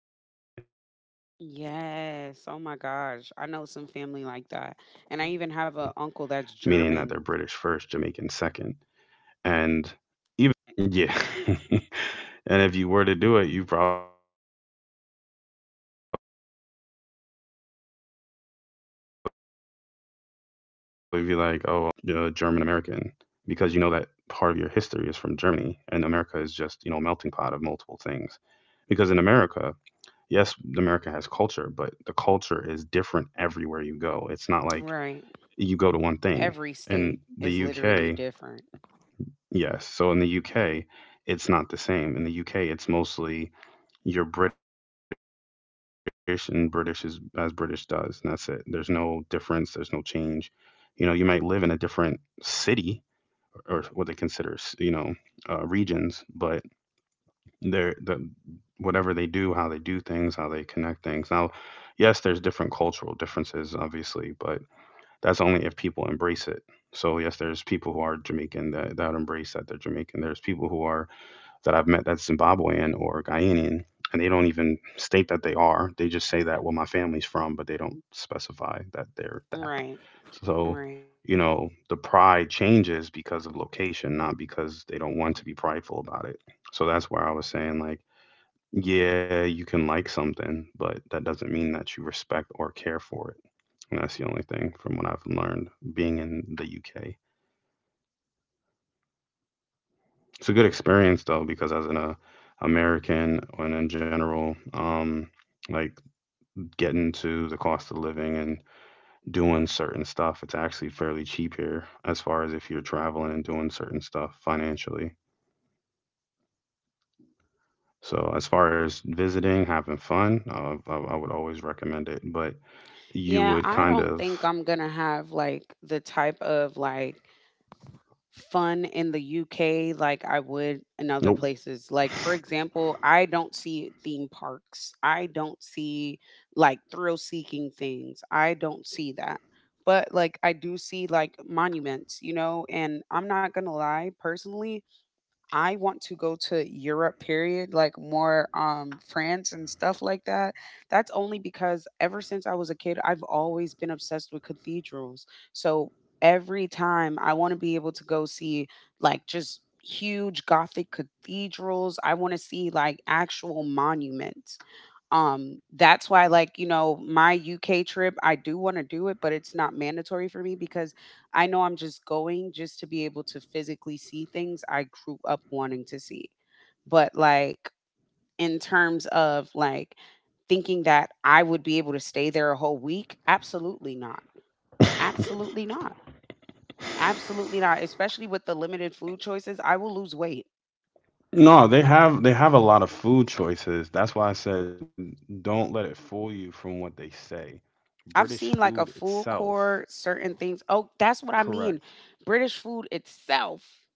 A: meaning that they're British first, Jamaican second.
B: Yes, oh my gosh,
A: And
B: I know some
A: even
B: family
A: if it
B: like
A: was the
B: that,
A: case and
B: and
A: I
B: I
A: was
B: even have
A: American
B: an uncle
A: first,
B: that's
A: Jamaican second,
B: German.
A: I still would consider myself a Jamaican American. Yeah. [LAUGHS] And if you were to do it, you'd probably be like, oh, well, he's German. But if you were German, you would say German American because you know that part of your history is from Germany and America is just, a melting pot of multiple things. Because in America, yes, America has culture, but the culture is different everywhere you go. It's not like you
B: Right.
A: go to one thing.
B: Every
A: In
B: state
A: the
B: is
A: UK,
B: literally different.
A: yes. So in the UK, it's not the same. In the UK, it's mostly you're British, and British is as British does, and that's it. There's no difference. There's no change. You might live in a different city or what they consider, regions, but they're the whatever they do, how they do things, how they connect things. Now, yes, there's different cultural differences, obviously, but that's only if people embrace it. So yes, there's people who are Jamaican that embrace that they're Jamaican. There's people who are that I've met that's Zimbabwean or Guyanese, and they don't even state that they are. They just say that well, my family's from, but they don't specify that they're that.
B: Right,
A: So,
B: right.
A: the pride changes because of location, not because they don't want to be prideful about it. So that's where I was saying like, yeah, you can like something, but that doesn't mean that you respect or care for it. And that's the only thing from what I've learned being in the UK. It's a good experience though, because as an American and in general, like getting to the cost of living and doing certain stuff, it's actually fairly cheap here as far as if you're traveling and doing certain stuff financially. So as far as visiting, having fun, I would always recommend it. But you
B: Yeah,
A: would
B: I
A: kind
B: don't think
A: of,
B: I'm gonna have, like, the type of, like, fun in the UK like I would in other
A: nope.
B: places. Like, for example, I don't see theme parks. I don't see like thrill seeking things. I don't see that. But like I do see like monuments, you know, and I'm not going to lie, personally, I want to go to Europe, period, like more France and stuff like that. That's only because ever since I was a kid, I've always been obsessed with cathedrals. So every time I want to be able to go see like just huge gothic cathedrals. I want to see like actual monuments. That's why, like, you know, my UK trip, I do want to do it, but it's not mandatory for me because I know I'm just going just to be able to physically see things I grew up wanting to see. But, like, in terms of like thinking that I would be able to stay there a whole week, absolutely not. Absolutely not. Absolutely
A: [LAUGHS]
B: not. Especially with the limited food choices, I will lose weight.
A: No, they have a lot of food choices. That's why I said don't let it fool you from what they say.
B: I've
A: British
B: seen like
A: food
B: a full
A: itself.
B: core, certain things. Oh, that's what I mean.
A: Correct.
B: British food itself.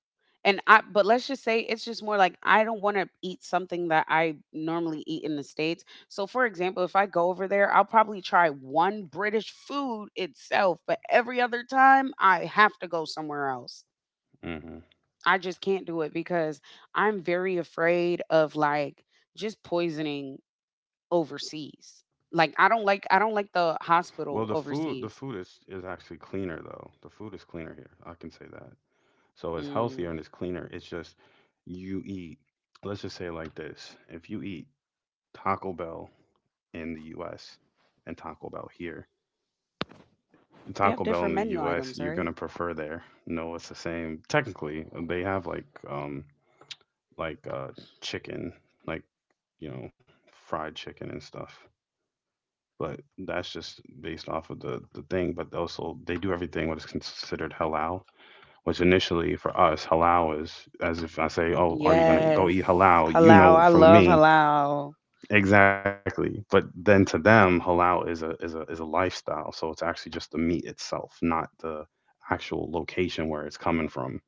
B: And I But let's just say it's just more like I don't wanna eat something that I normally eat in the States. So, for example, if I go over there, I'll probably try 1 British food itself, but every other time, I have to go somewhere else.
A: Hmm.
B: I just can't do it because I'm very afraid of, like, just poisoning overseas. Like, I don't like the
A: Well, the
B: hospital
A: food the food
B: overseas.
A: is actually cleaner though. The food is cleaner here. I can say that. So it's
B: Mm.
A: healthier and it's cleaner. It's just you eat. Let's just say it like this. If you eat Taco Bell in the US and Taco Bell here,
B: They have
A: Taco Bell
B: different
A: in the
B: menu
A: US,
B: items,
A: you're
B: right?
A: gonna prefer there. No, it's the same. Technically, they have like chicken, like you know, fried chicken and stuff. But that's just based off of the thing. But also, they do everything what is considered halal, which initially for us, halal is as if I say, oh, are you gonna go
B: Yes.
A: eat halal? You
B: Halal,
A: know,
B: I
A: for
B: love
A: me.
B: halal.
A: Exactly. But then to them, halal is a lifestyle. So it's actually just the meat itself, not the actual location where it's coming from.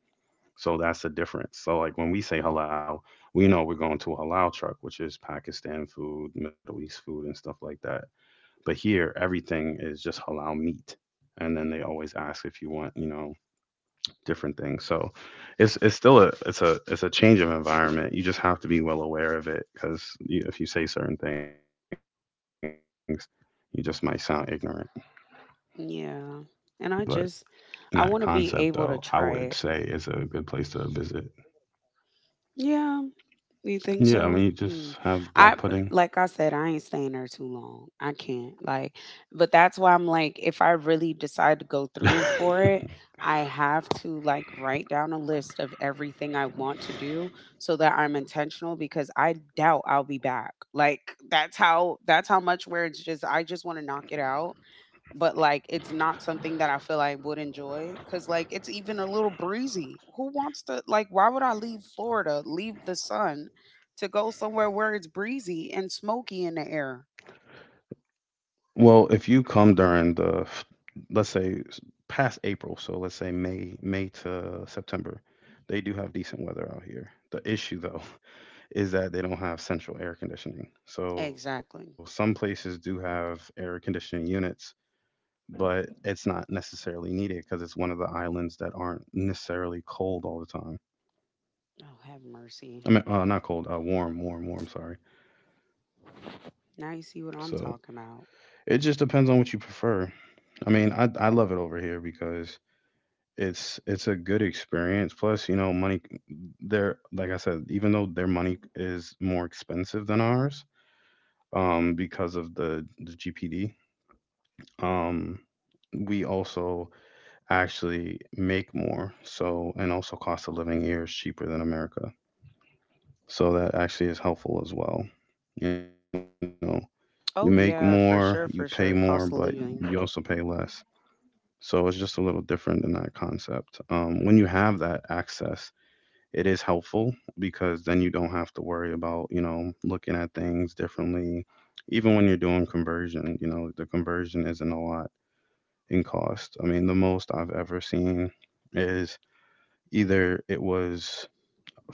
A: So that's the difference. So like when we say halal, we know we're going to a halal truck, which is Pakistan food, Middle East food and stuff like that. But here everything is just halal meat. And then they always ask if you want, you know, different things. So it's still a change of environment. You just have to be well aware of it because if you say certain things, you just might sound ignorant. But
B: Yeah.
A: in that
B: And I
A: concept,
B: just
A: though, I
B: I want
A: would
B: to be
A: say it's
B: able
A: a
B: to
A: good
B: try
A: place
B: it.
A: to visit.
B: Yeah,
A: Yeah, I mean, you
B: you think
A: just
B: so?
A: have black
B: Hmm.
A: pudding.
B: I Like I said, I ain't staying there too long. I can't. Like, but that's why I'm like, if I really
A: [LAUGHS]
B: decide to go through for it, I have to like write down a list of everything I want to do so that I'm intentional because I doubt I'll be back. Like that's how much where it's just I just want to knock it out, but like it's not something that I feel I would enjoy because like it's even a little breezy. Who wants to like? Why would I leave Florida, leave the sun, to go somewhere where it's breezy and smoky in the air?
A: well, if you come during the f- Let's say past April, so let's say May to September. They do have decent weather out here. The issue though is that they don't have central air conditioning. So some places
B: Exactly.
A: do have air conditioning units, but it's not necessarily needed because it's one of the islands that aren't necessarily cold all the time.
B: Oh, have
A: I
B: mercy.
A: mean, not cold, warm, warm, warm. Sorry.
B: Now you see what I'm
A: So
B: talking about.
A: it just depends on what you prefer. I mean, I love it over here because it's a good experience. Plus, you know, money. They're like I said, even though their money is more expensive than ours, because of the GPD, um, we also actually make more. So, and also cost of living here is cheaper than America. So that actually is helpful as well. You know, you
B: Oh
A: make
B: yeah, for
A: more,
B: sure, for
A: you pay
B: sure. Cost
A: more,
B: of
A: but
B: living,
A: you also pay less. So it's just a little different in that concept. When you have that access, it is helpful because then you don't have to worry about, you know, looking at things differently. Even when you're doing conversion, you know, the conversion isn't a lot in cost. I mean, the most I've ever seen is either it was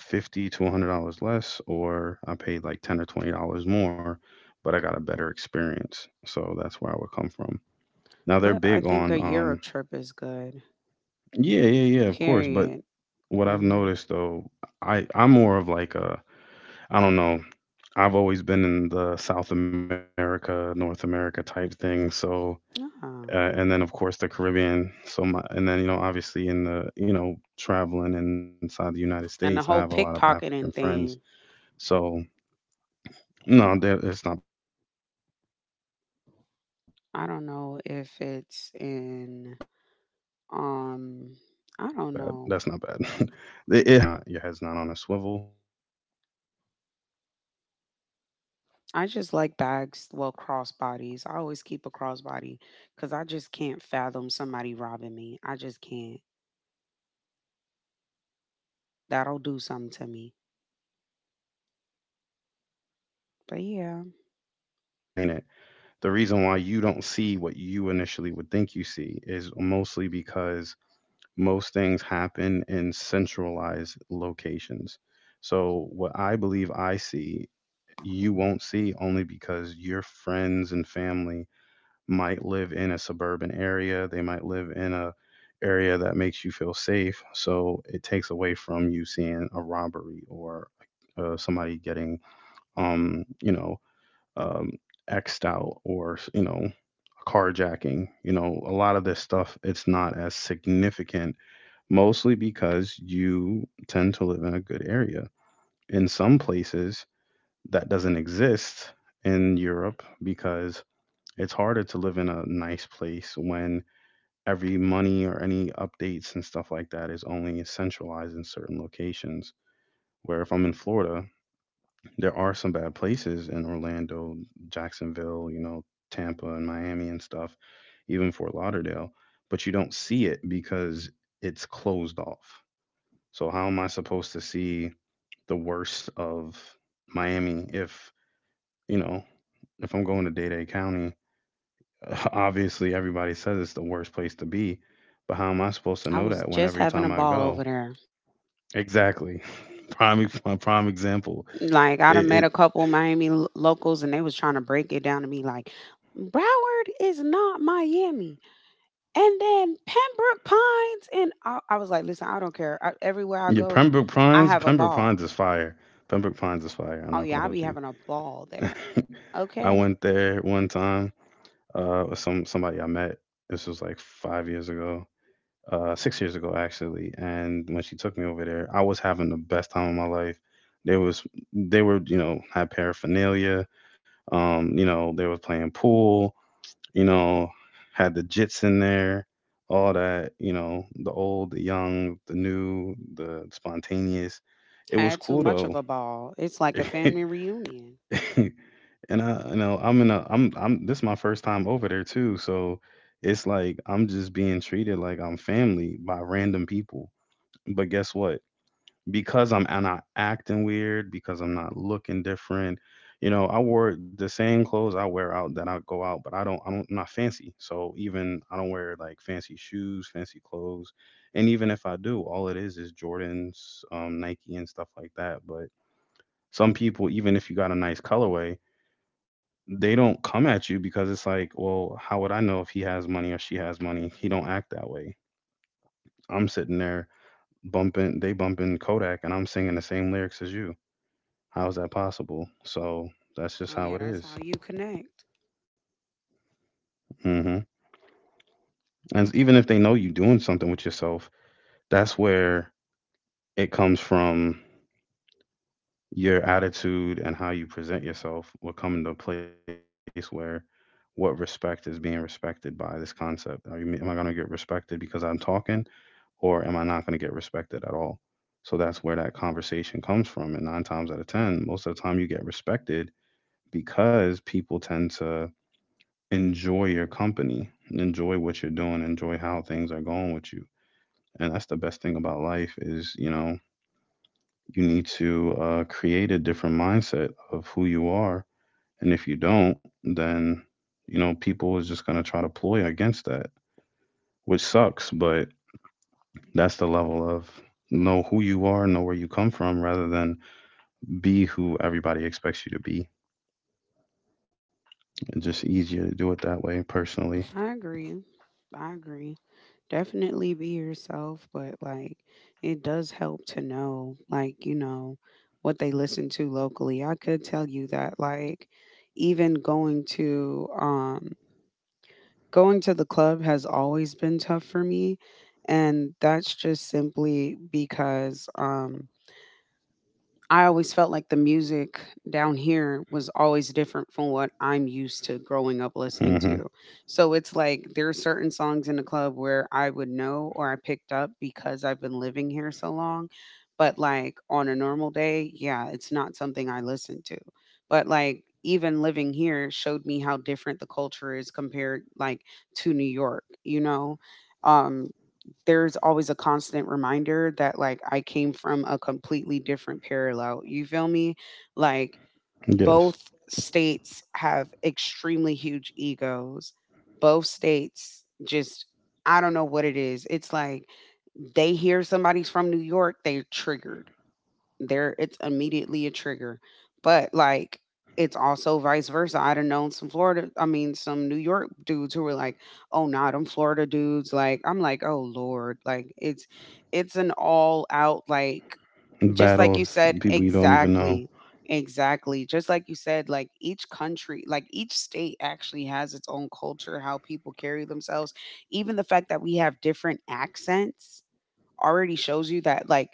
A: $50 to $100 less, or I paid like $10 or $20 more, but I got a better experience. So that's where I would come from. Now they're
B: but
A: big
B: I think
A: on,
B: a Europe trip is good.
A: yeah, yeah, yeah, of course. But
B: Period.
A: what I've
B: Mm,
A: noticed though, I'm more of like a, I don't know, I've always been in the South America, North America type thing. So
B: yeah.
A: and then of course the Caribbean. So my, and then you know obviously in the you know traveling inside the United States, I
B: And the
A: have a
B: whole
A: lot of African
B: pickpocketing
A: friends.
B: thing.
A: So no, it's not bad. That's not bad. [LAUGHS] It happens to people,
B: I don't
A: but
B: know
A: I
B: if
A: feel like the only
B: it's
A: way that
B: in
A: happens is if you're not your head's not on a
B: Um,
A: swivel,
B: I don't
A: and they know
B: know.
A: who to target. You know, obviously for you, you may be one of the particular people. No offense, that would
B: I
A: be
B: just like
A: in the
B: bags, well,
A: concept.
B: crossbodies. I always
A: It's
B: keep a
A: everywhere.
B: crossbody because I
A: It's
B: just can't
A: in
B: fathom
A: London,
B: somebody
A: it's
B: robbing
A: in
B: me. I just can't.
A: Spain, it's in France, it's all over Europe. It's the same as
B: That'll do
A: America,
B: something to
A: except you
B: me.
A: just don't see it as much because, um,
B: But yeah,
A: generally, as I explain it, the reason why you don't see what you initially would think you see is mostly because most things happen in centralized locations. So, what I believe I see, you won't see only because your friends and family might live in a suburban area. They might live in a area that makes you feel safe. So it takes away from you seeing a robbery or somebody getting, um, you know, um, xed out, or you know, carjacking. You know, a lot of this stuff it's not as significant, mostly because you tend to live in a good area. In some places, that doesn't exist in Europe because it's harder to live in a nice place when every money or any updates and stuff like that is only centralized in certain locations. Where if I'm in Florida, there are some bad places in Orlando, Jacksonville, you know, Tampa and Miami and stuff, even Fort Lauderdale, but you don't see it because it's closed off. So how am I supposed to see the worst of Miami if, you know, if I'm going to Dade County? [LAUGHS] Obviously, everybody says it's the worst place to be, but how am I supposed to
B: I
A: know
B: was
A: that when
B: just
A: every
B: having a
A: time I
B: ball over
A: go?
B: there.
A: Exactly. [LAUGHS] My prime example.
B: Like I done
A: It,
B: met
A: it
B: a couple Miami locals, and they was trying to break it down to me like, Broward is not Miami, and then Pembroke Pines, and I was like, listen, I don't care. I, everywhere I
A: Yeah,
B: go,
A: Pembroke
B: I
A: Pines,
B: have a
A: Pembroke Pines
B: ball.
A: is fire. Pembroke Pines is fire. I'm
B: Oh
A: not gonna
B: yeah, I be
A: hold you.
B: having a ball there.
A: [LAUGHS] I
B: Okay.
A: went there one time, with somebody I met. This was like 5 years ago. Uh, 6 years ago actually. And when she took me over there, I was having the best time of my life. There was, they were, you know, had paraphernalia. You know, they were playing pool, you know, had the jits in there, all that, you know, the old, the young, the new, the spontaneous. It was
B: Had too
A: cool
B: much of
A: though.
B: a ball. It's like a
A: [LAUGHS]
B: family reunion.
A: And I'm in a I'm this is my first time over there too, so it's like I'm just being treated like I'm family by random people. But guess what? Because I'm not acting weird, because I'm not looking different. You know, I wore the same clothes I wear out that I go out, but I'm not fancy. So even I don't wear like fancy shoes, fancy clothes, and even if I do, all it is Jordans, Nike, and stuff like that. But some people, even if you got a nice colorway, they don't come at you because it's like, well, how would I know if he has money or she has money? He don't act that way. I'm sitting there bumping, they bumping Kodak, and I'm singing the same lyrics as you. How is that possible? So that's just
B: Oh
A: how
B: yeah,
A: it
B: that's how
A: is.
B: you connect.
A: Mm-hmm. And even if they know you doing something with yourself, that's where it comes from. Your attitude and how you present yourself will come into a place where what respect is being respected by this concept. Are you Am I going to get respected because I'm talking, or am I not going to get respected at all? So that's where that conversation comes from, and 9 times out of 10, most of the time you get respected because people tend to enjoy your company, enjoy what you're doing, enjoy how things are going with you. And that's the best thing about life is, you know, you need to create a different mindset of who you are. And if you don't, then, you know, people is just going to try to ploy against that, which sucks. But that's the level of know who you are, know where you come from, rather than be who everybody expects you to be. It's just easier to do it that way, personally.
B: I agree. I agree. Definitely be yourself, but like it does help to know like, you know, what they listen to locally. I could tell you that like even going to going to the club has always been tough for me and that's just simply because I always felt like the music down here was always different from what I'm used to growing up listening
A: Hmm.
B: to. So it's like there are certain songs in the club where I would know or I picked up because I've been living here so long. But like on a normal day, yeah, it's not something I listen to. But like even living here showed me how different the culture is compared like to New York, you know? Um, there's always a constant reminder that like I came from a completely different parallel. You feel me? Like
A: Yes.
B: both states have extremely huge egos. Both states just I don't know what it is. It's like they hear somebody's from New York, they're triggered, there it's immediately a trigger. But like it's also vice versa. I'd have known some Florida, I mean some New York dudes who were like, "Oh, nah, them Florida dudes." Like I'm like, "Oh lord." Like it's an all out like just
A: Battle
B: like you
A: of
B: said
A: people you don't even know.
B: exactly. Exactly. Just like you said, like each country, like each state actually has its own culture, how people carry themselves. Even the fact that we have different accents already shows you that like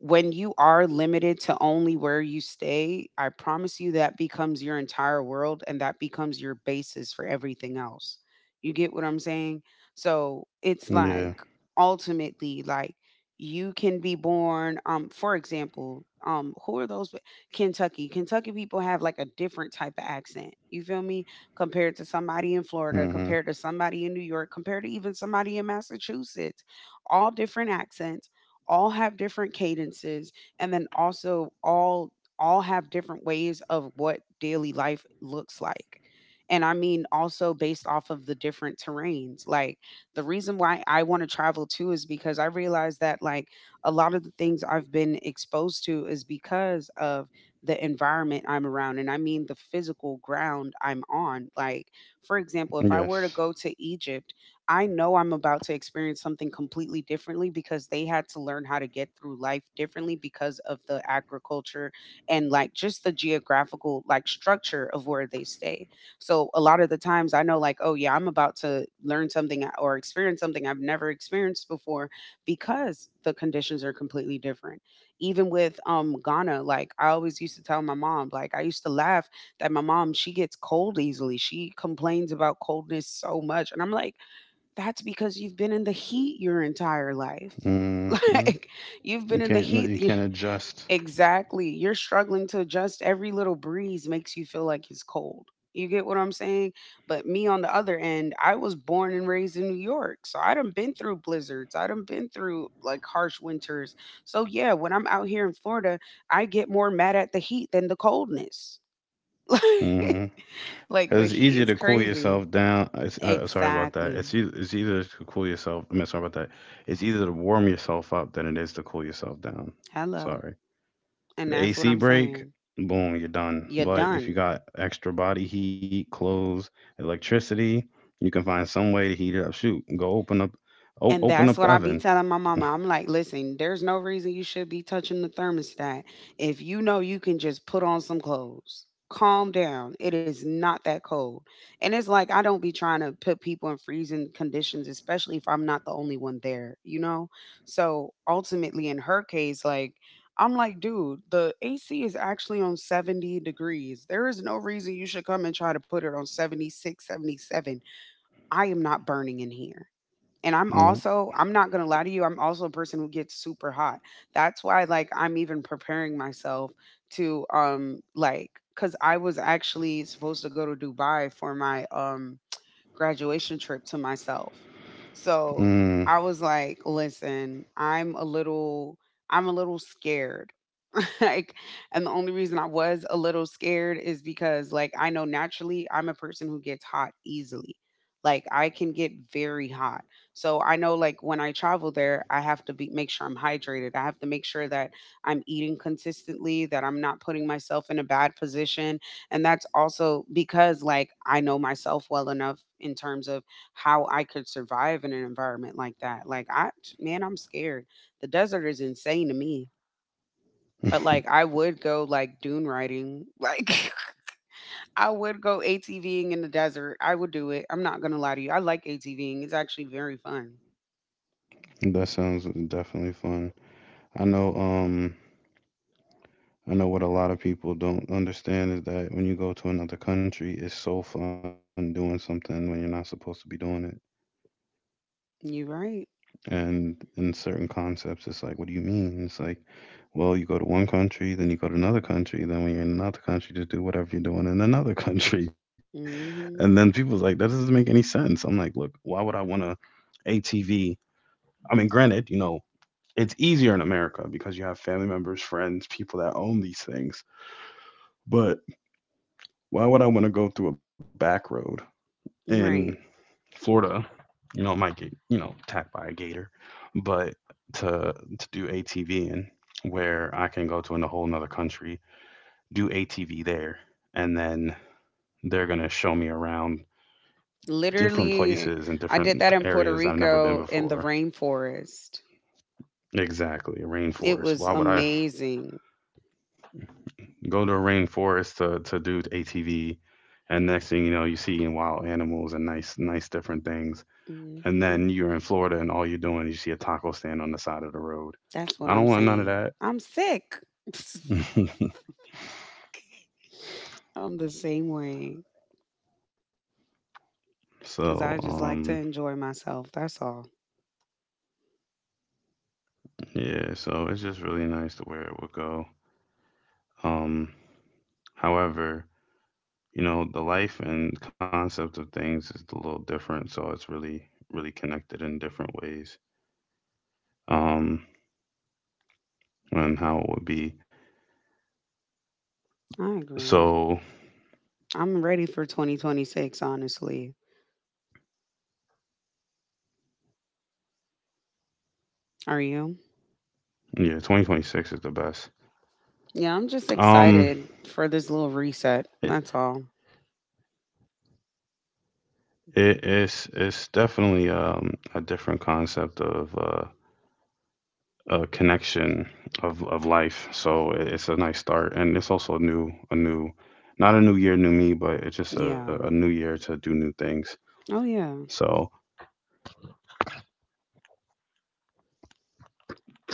B: when you are limited to only where you stay, I promise you that becomes your entire world and that becomes your basis for everything else. You get what I'm saying? So it's
A: Yeah.
B: like ultimately, like you can be born, for example, who are those Kentucky? Kentucky people have like a different type of accent. You feel me? Compared to somebody in
A: Hmm.
B: Florida, compared to somebody in New York, compared to even somebody in Massachusetts, all different accents, all have different cadences, and then also all have different ways of what daily life looks like. And I mean also based off of the different terrains. Like the reason why I want to travel too is because I realize that like a lot of the things I've been exposed to is because of the environment I'm around, and I mean the physical ground I'm on. Like
A: Yes.
B: for example, if I were to go to Egypt, I know I'm about to experience something completely differently because they had to learn how to get through life differently because of the agriculture and like just the geographical like structure of where they stay. So a lot of the times I know like, oh yeah, I'm about to learn something or experience something I've never experienced before because the conditions are completely different. Even with Ghana, like I always used to tell my mom, like I used to laugh that my mom, she gets cold easily. She complains about coldness so much. And I'm like, that's because you've been in the heat your entire life. [LAUGHS]
A: Hmm.
B: Like you've
A: You
B: been in the
A: can't,
B: heat
A: you
B: y-
A: can't adjust.
B: exactly. You're struggling to adjust. Every little breeze makes you feel like it's cold. You get what I'm saying? But me on the other end, I was born and raised in New York. So I done been through blizzards. I done been through like harsh winters. So yeah, when I'm out here in Florida, I get more mad at the heat than the coldness. [LAUGHS]
A: Hmm.
B: Like the
A: Cause it's
B: heat
A: easier
B: is
A: to cool
B: crazy.
A: yourself down. It's, sorry about that.
B: Exactly.
A: It's easier to cool yourself. I mean, sorry about that. It's easier to warm yourself up than it is to cool yourself down.
B: Hello.
A: Sorry.
B: And
A: The
B: that's what
A: AC
B: I'm
A: break,
B: saying.
A: boom, you're done.
B: You're
A: But if
B: done.
A: you got extra body heat, clothes, electricity, you can find some way to heat it up. Shoot, go open up,
B: And
A: open
B: that's
A: up the
B: what I be
A: oven.
B: telling my
A: [LAUGHS]
B: mama. I'm like, listen, there's no reason you should be touching the thermostat if you know you can just put on some clothes. Calm down. It is not that cold. And it's like, I don't be trying to put people in freezing conditions, especially if I'm not the only one there, you know? So ultimately, in her case, like, I'm like, dude, the AC is actually on 70 degrees. There is no reason you should come and try to put it on 76, 77. I am not burning in here. And
A: Nope.
B: I'm not going to lie to you, I'm also a person who gets super hot. That's why like I'm even preparing myself to like, cuz I was actually supposed to go to Dubai for my graduation trip to myself. So
A: Mm.
B: I was like, listen, I'm a little scared. [LAUGHS] Like, and the only reason I was a little scared is because like I know naturally I'm a person who gets hot easily. Like I can get very hot. So I know like when I travel there, I have to be make sure I'm hydrated. I have to make sure that I'm eating consistently, that I'm not putting myself in a bad position, and that's also because like I know myself well enough in terms of how I could survive in an environment like that. Like I man, I'm scared. The desert is insane to me. But like
A: [LAUGHS]
B: I would go like dune riding. [LAUGHS] Like I would go ATVing in the desert. I would do it. I'm not gonna lie to you. I like ATVing. It's actually very fun.
A: That sounds definitely fun. I know, um, I know what a lot of people don't understand is that when you go to another country, it's so fun doing something when you're not supposed to be doing it.
B: You're right.
A: And in certain concepts, it's like, what do you mean? It's like, well, you go to one country, then you go to another country, then when you're in another country, just do whatever you're doing in another country. [LAUGHS]
B: Mm-hmm.
A: And then people's like, that doesn't make any sense. I'm like, look, why would I want a ATV? I mean, granted, you know, it's easier in America because you have family members, friends, people that own these things. But why would I want to go through a back road in
B: You're right.
A: Florida? You know, I might get you know attacked by a gator, but to do ATV in where I can go to in a whole nother country, do ATV there, and then they're gonna show me around different
B: Literally,
A: places and
B: I did
A: different
B: that in Puerto
A: areas I've never been
B: Rico in the
A: before.
B: rainforest.
A: Exactly, a
B: It
A: rainforest.
B: was
A: Why would I
B: amazing.
A: go to a rainforest to do ATV? And next thing you know, you see wild animals and nice, nice different things, and
B: Hmm.
A: then you're in Florida and all you're doing is you see a taco stand on the side of the road.
B: That's what
A: I don't
B: I'm
A: want none of
B: saying.
A: that.
B: I'm sick. [LAUGHS]
A: [LAUGHS]
B: I'm the same way
A: so
B: because I just
A: um
B: like to enjoy myself. That's all.
A: yeah, so it's just really nice to where it would go. Um However, you know, the life and concept of things is a little different, so it's really connected in different ways. Um and how it would be.
B: I agree.
A: So
B: I'm ready for 2026, honestly. Are you?
A: yeah, 2026 is the best.
B: Yeah, I'm just
A: Um
B: excited for this little reset.
A: it,
B: That's all.
A: it it's definitely a different concept of a connection of life. So it's a nice start, and it's also a new, not a new year, new me, but it's
B: Yeah.
A: just a new year to do new things.
B: Oh, yeah.
A: So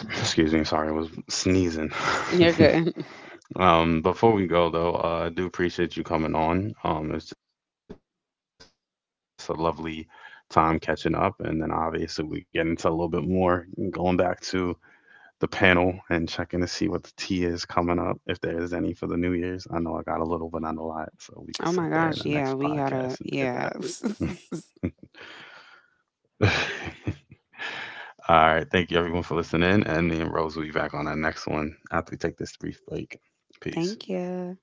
A: [CLEARS THROAT] excuse me, sorry, I was sneezing.
B: You're good.
A: [LAUGHS] Before we go though, I do appreciate you coming on. It's just a lovely time catching up, and then obviously we get into a little bit more going back to the panel and checking to see what the tea is coming up, if there is any for the New Year's. I know I got a little, but not a lot, so we can sit there in the next
B: [LAUGHS] Oh, my
A: podcast and get
B: gosh. Yeah, we gotta. Yeah.
A: that. [LAUGHS] All right. Thank you, everyone, for listening. And me and Rose will be back on our next one after we take this brief break. Peace.
B: [LAUGHS] Thank you.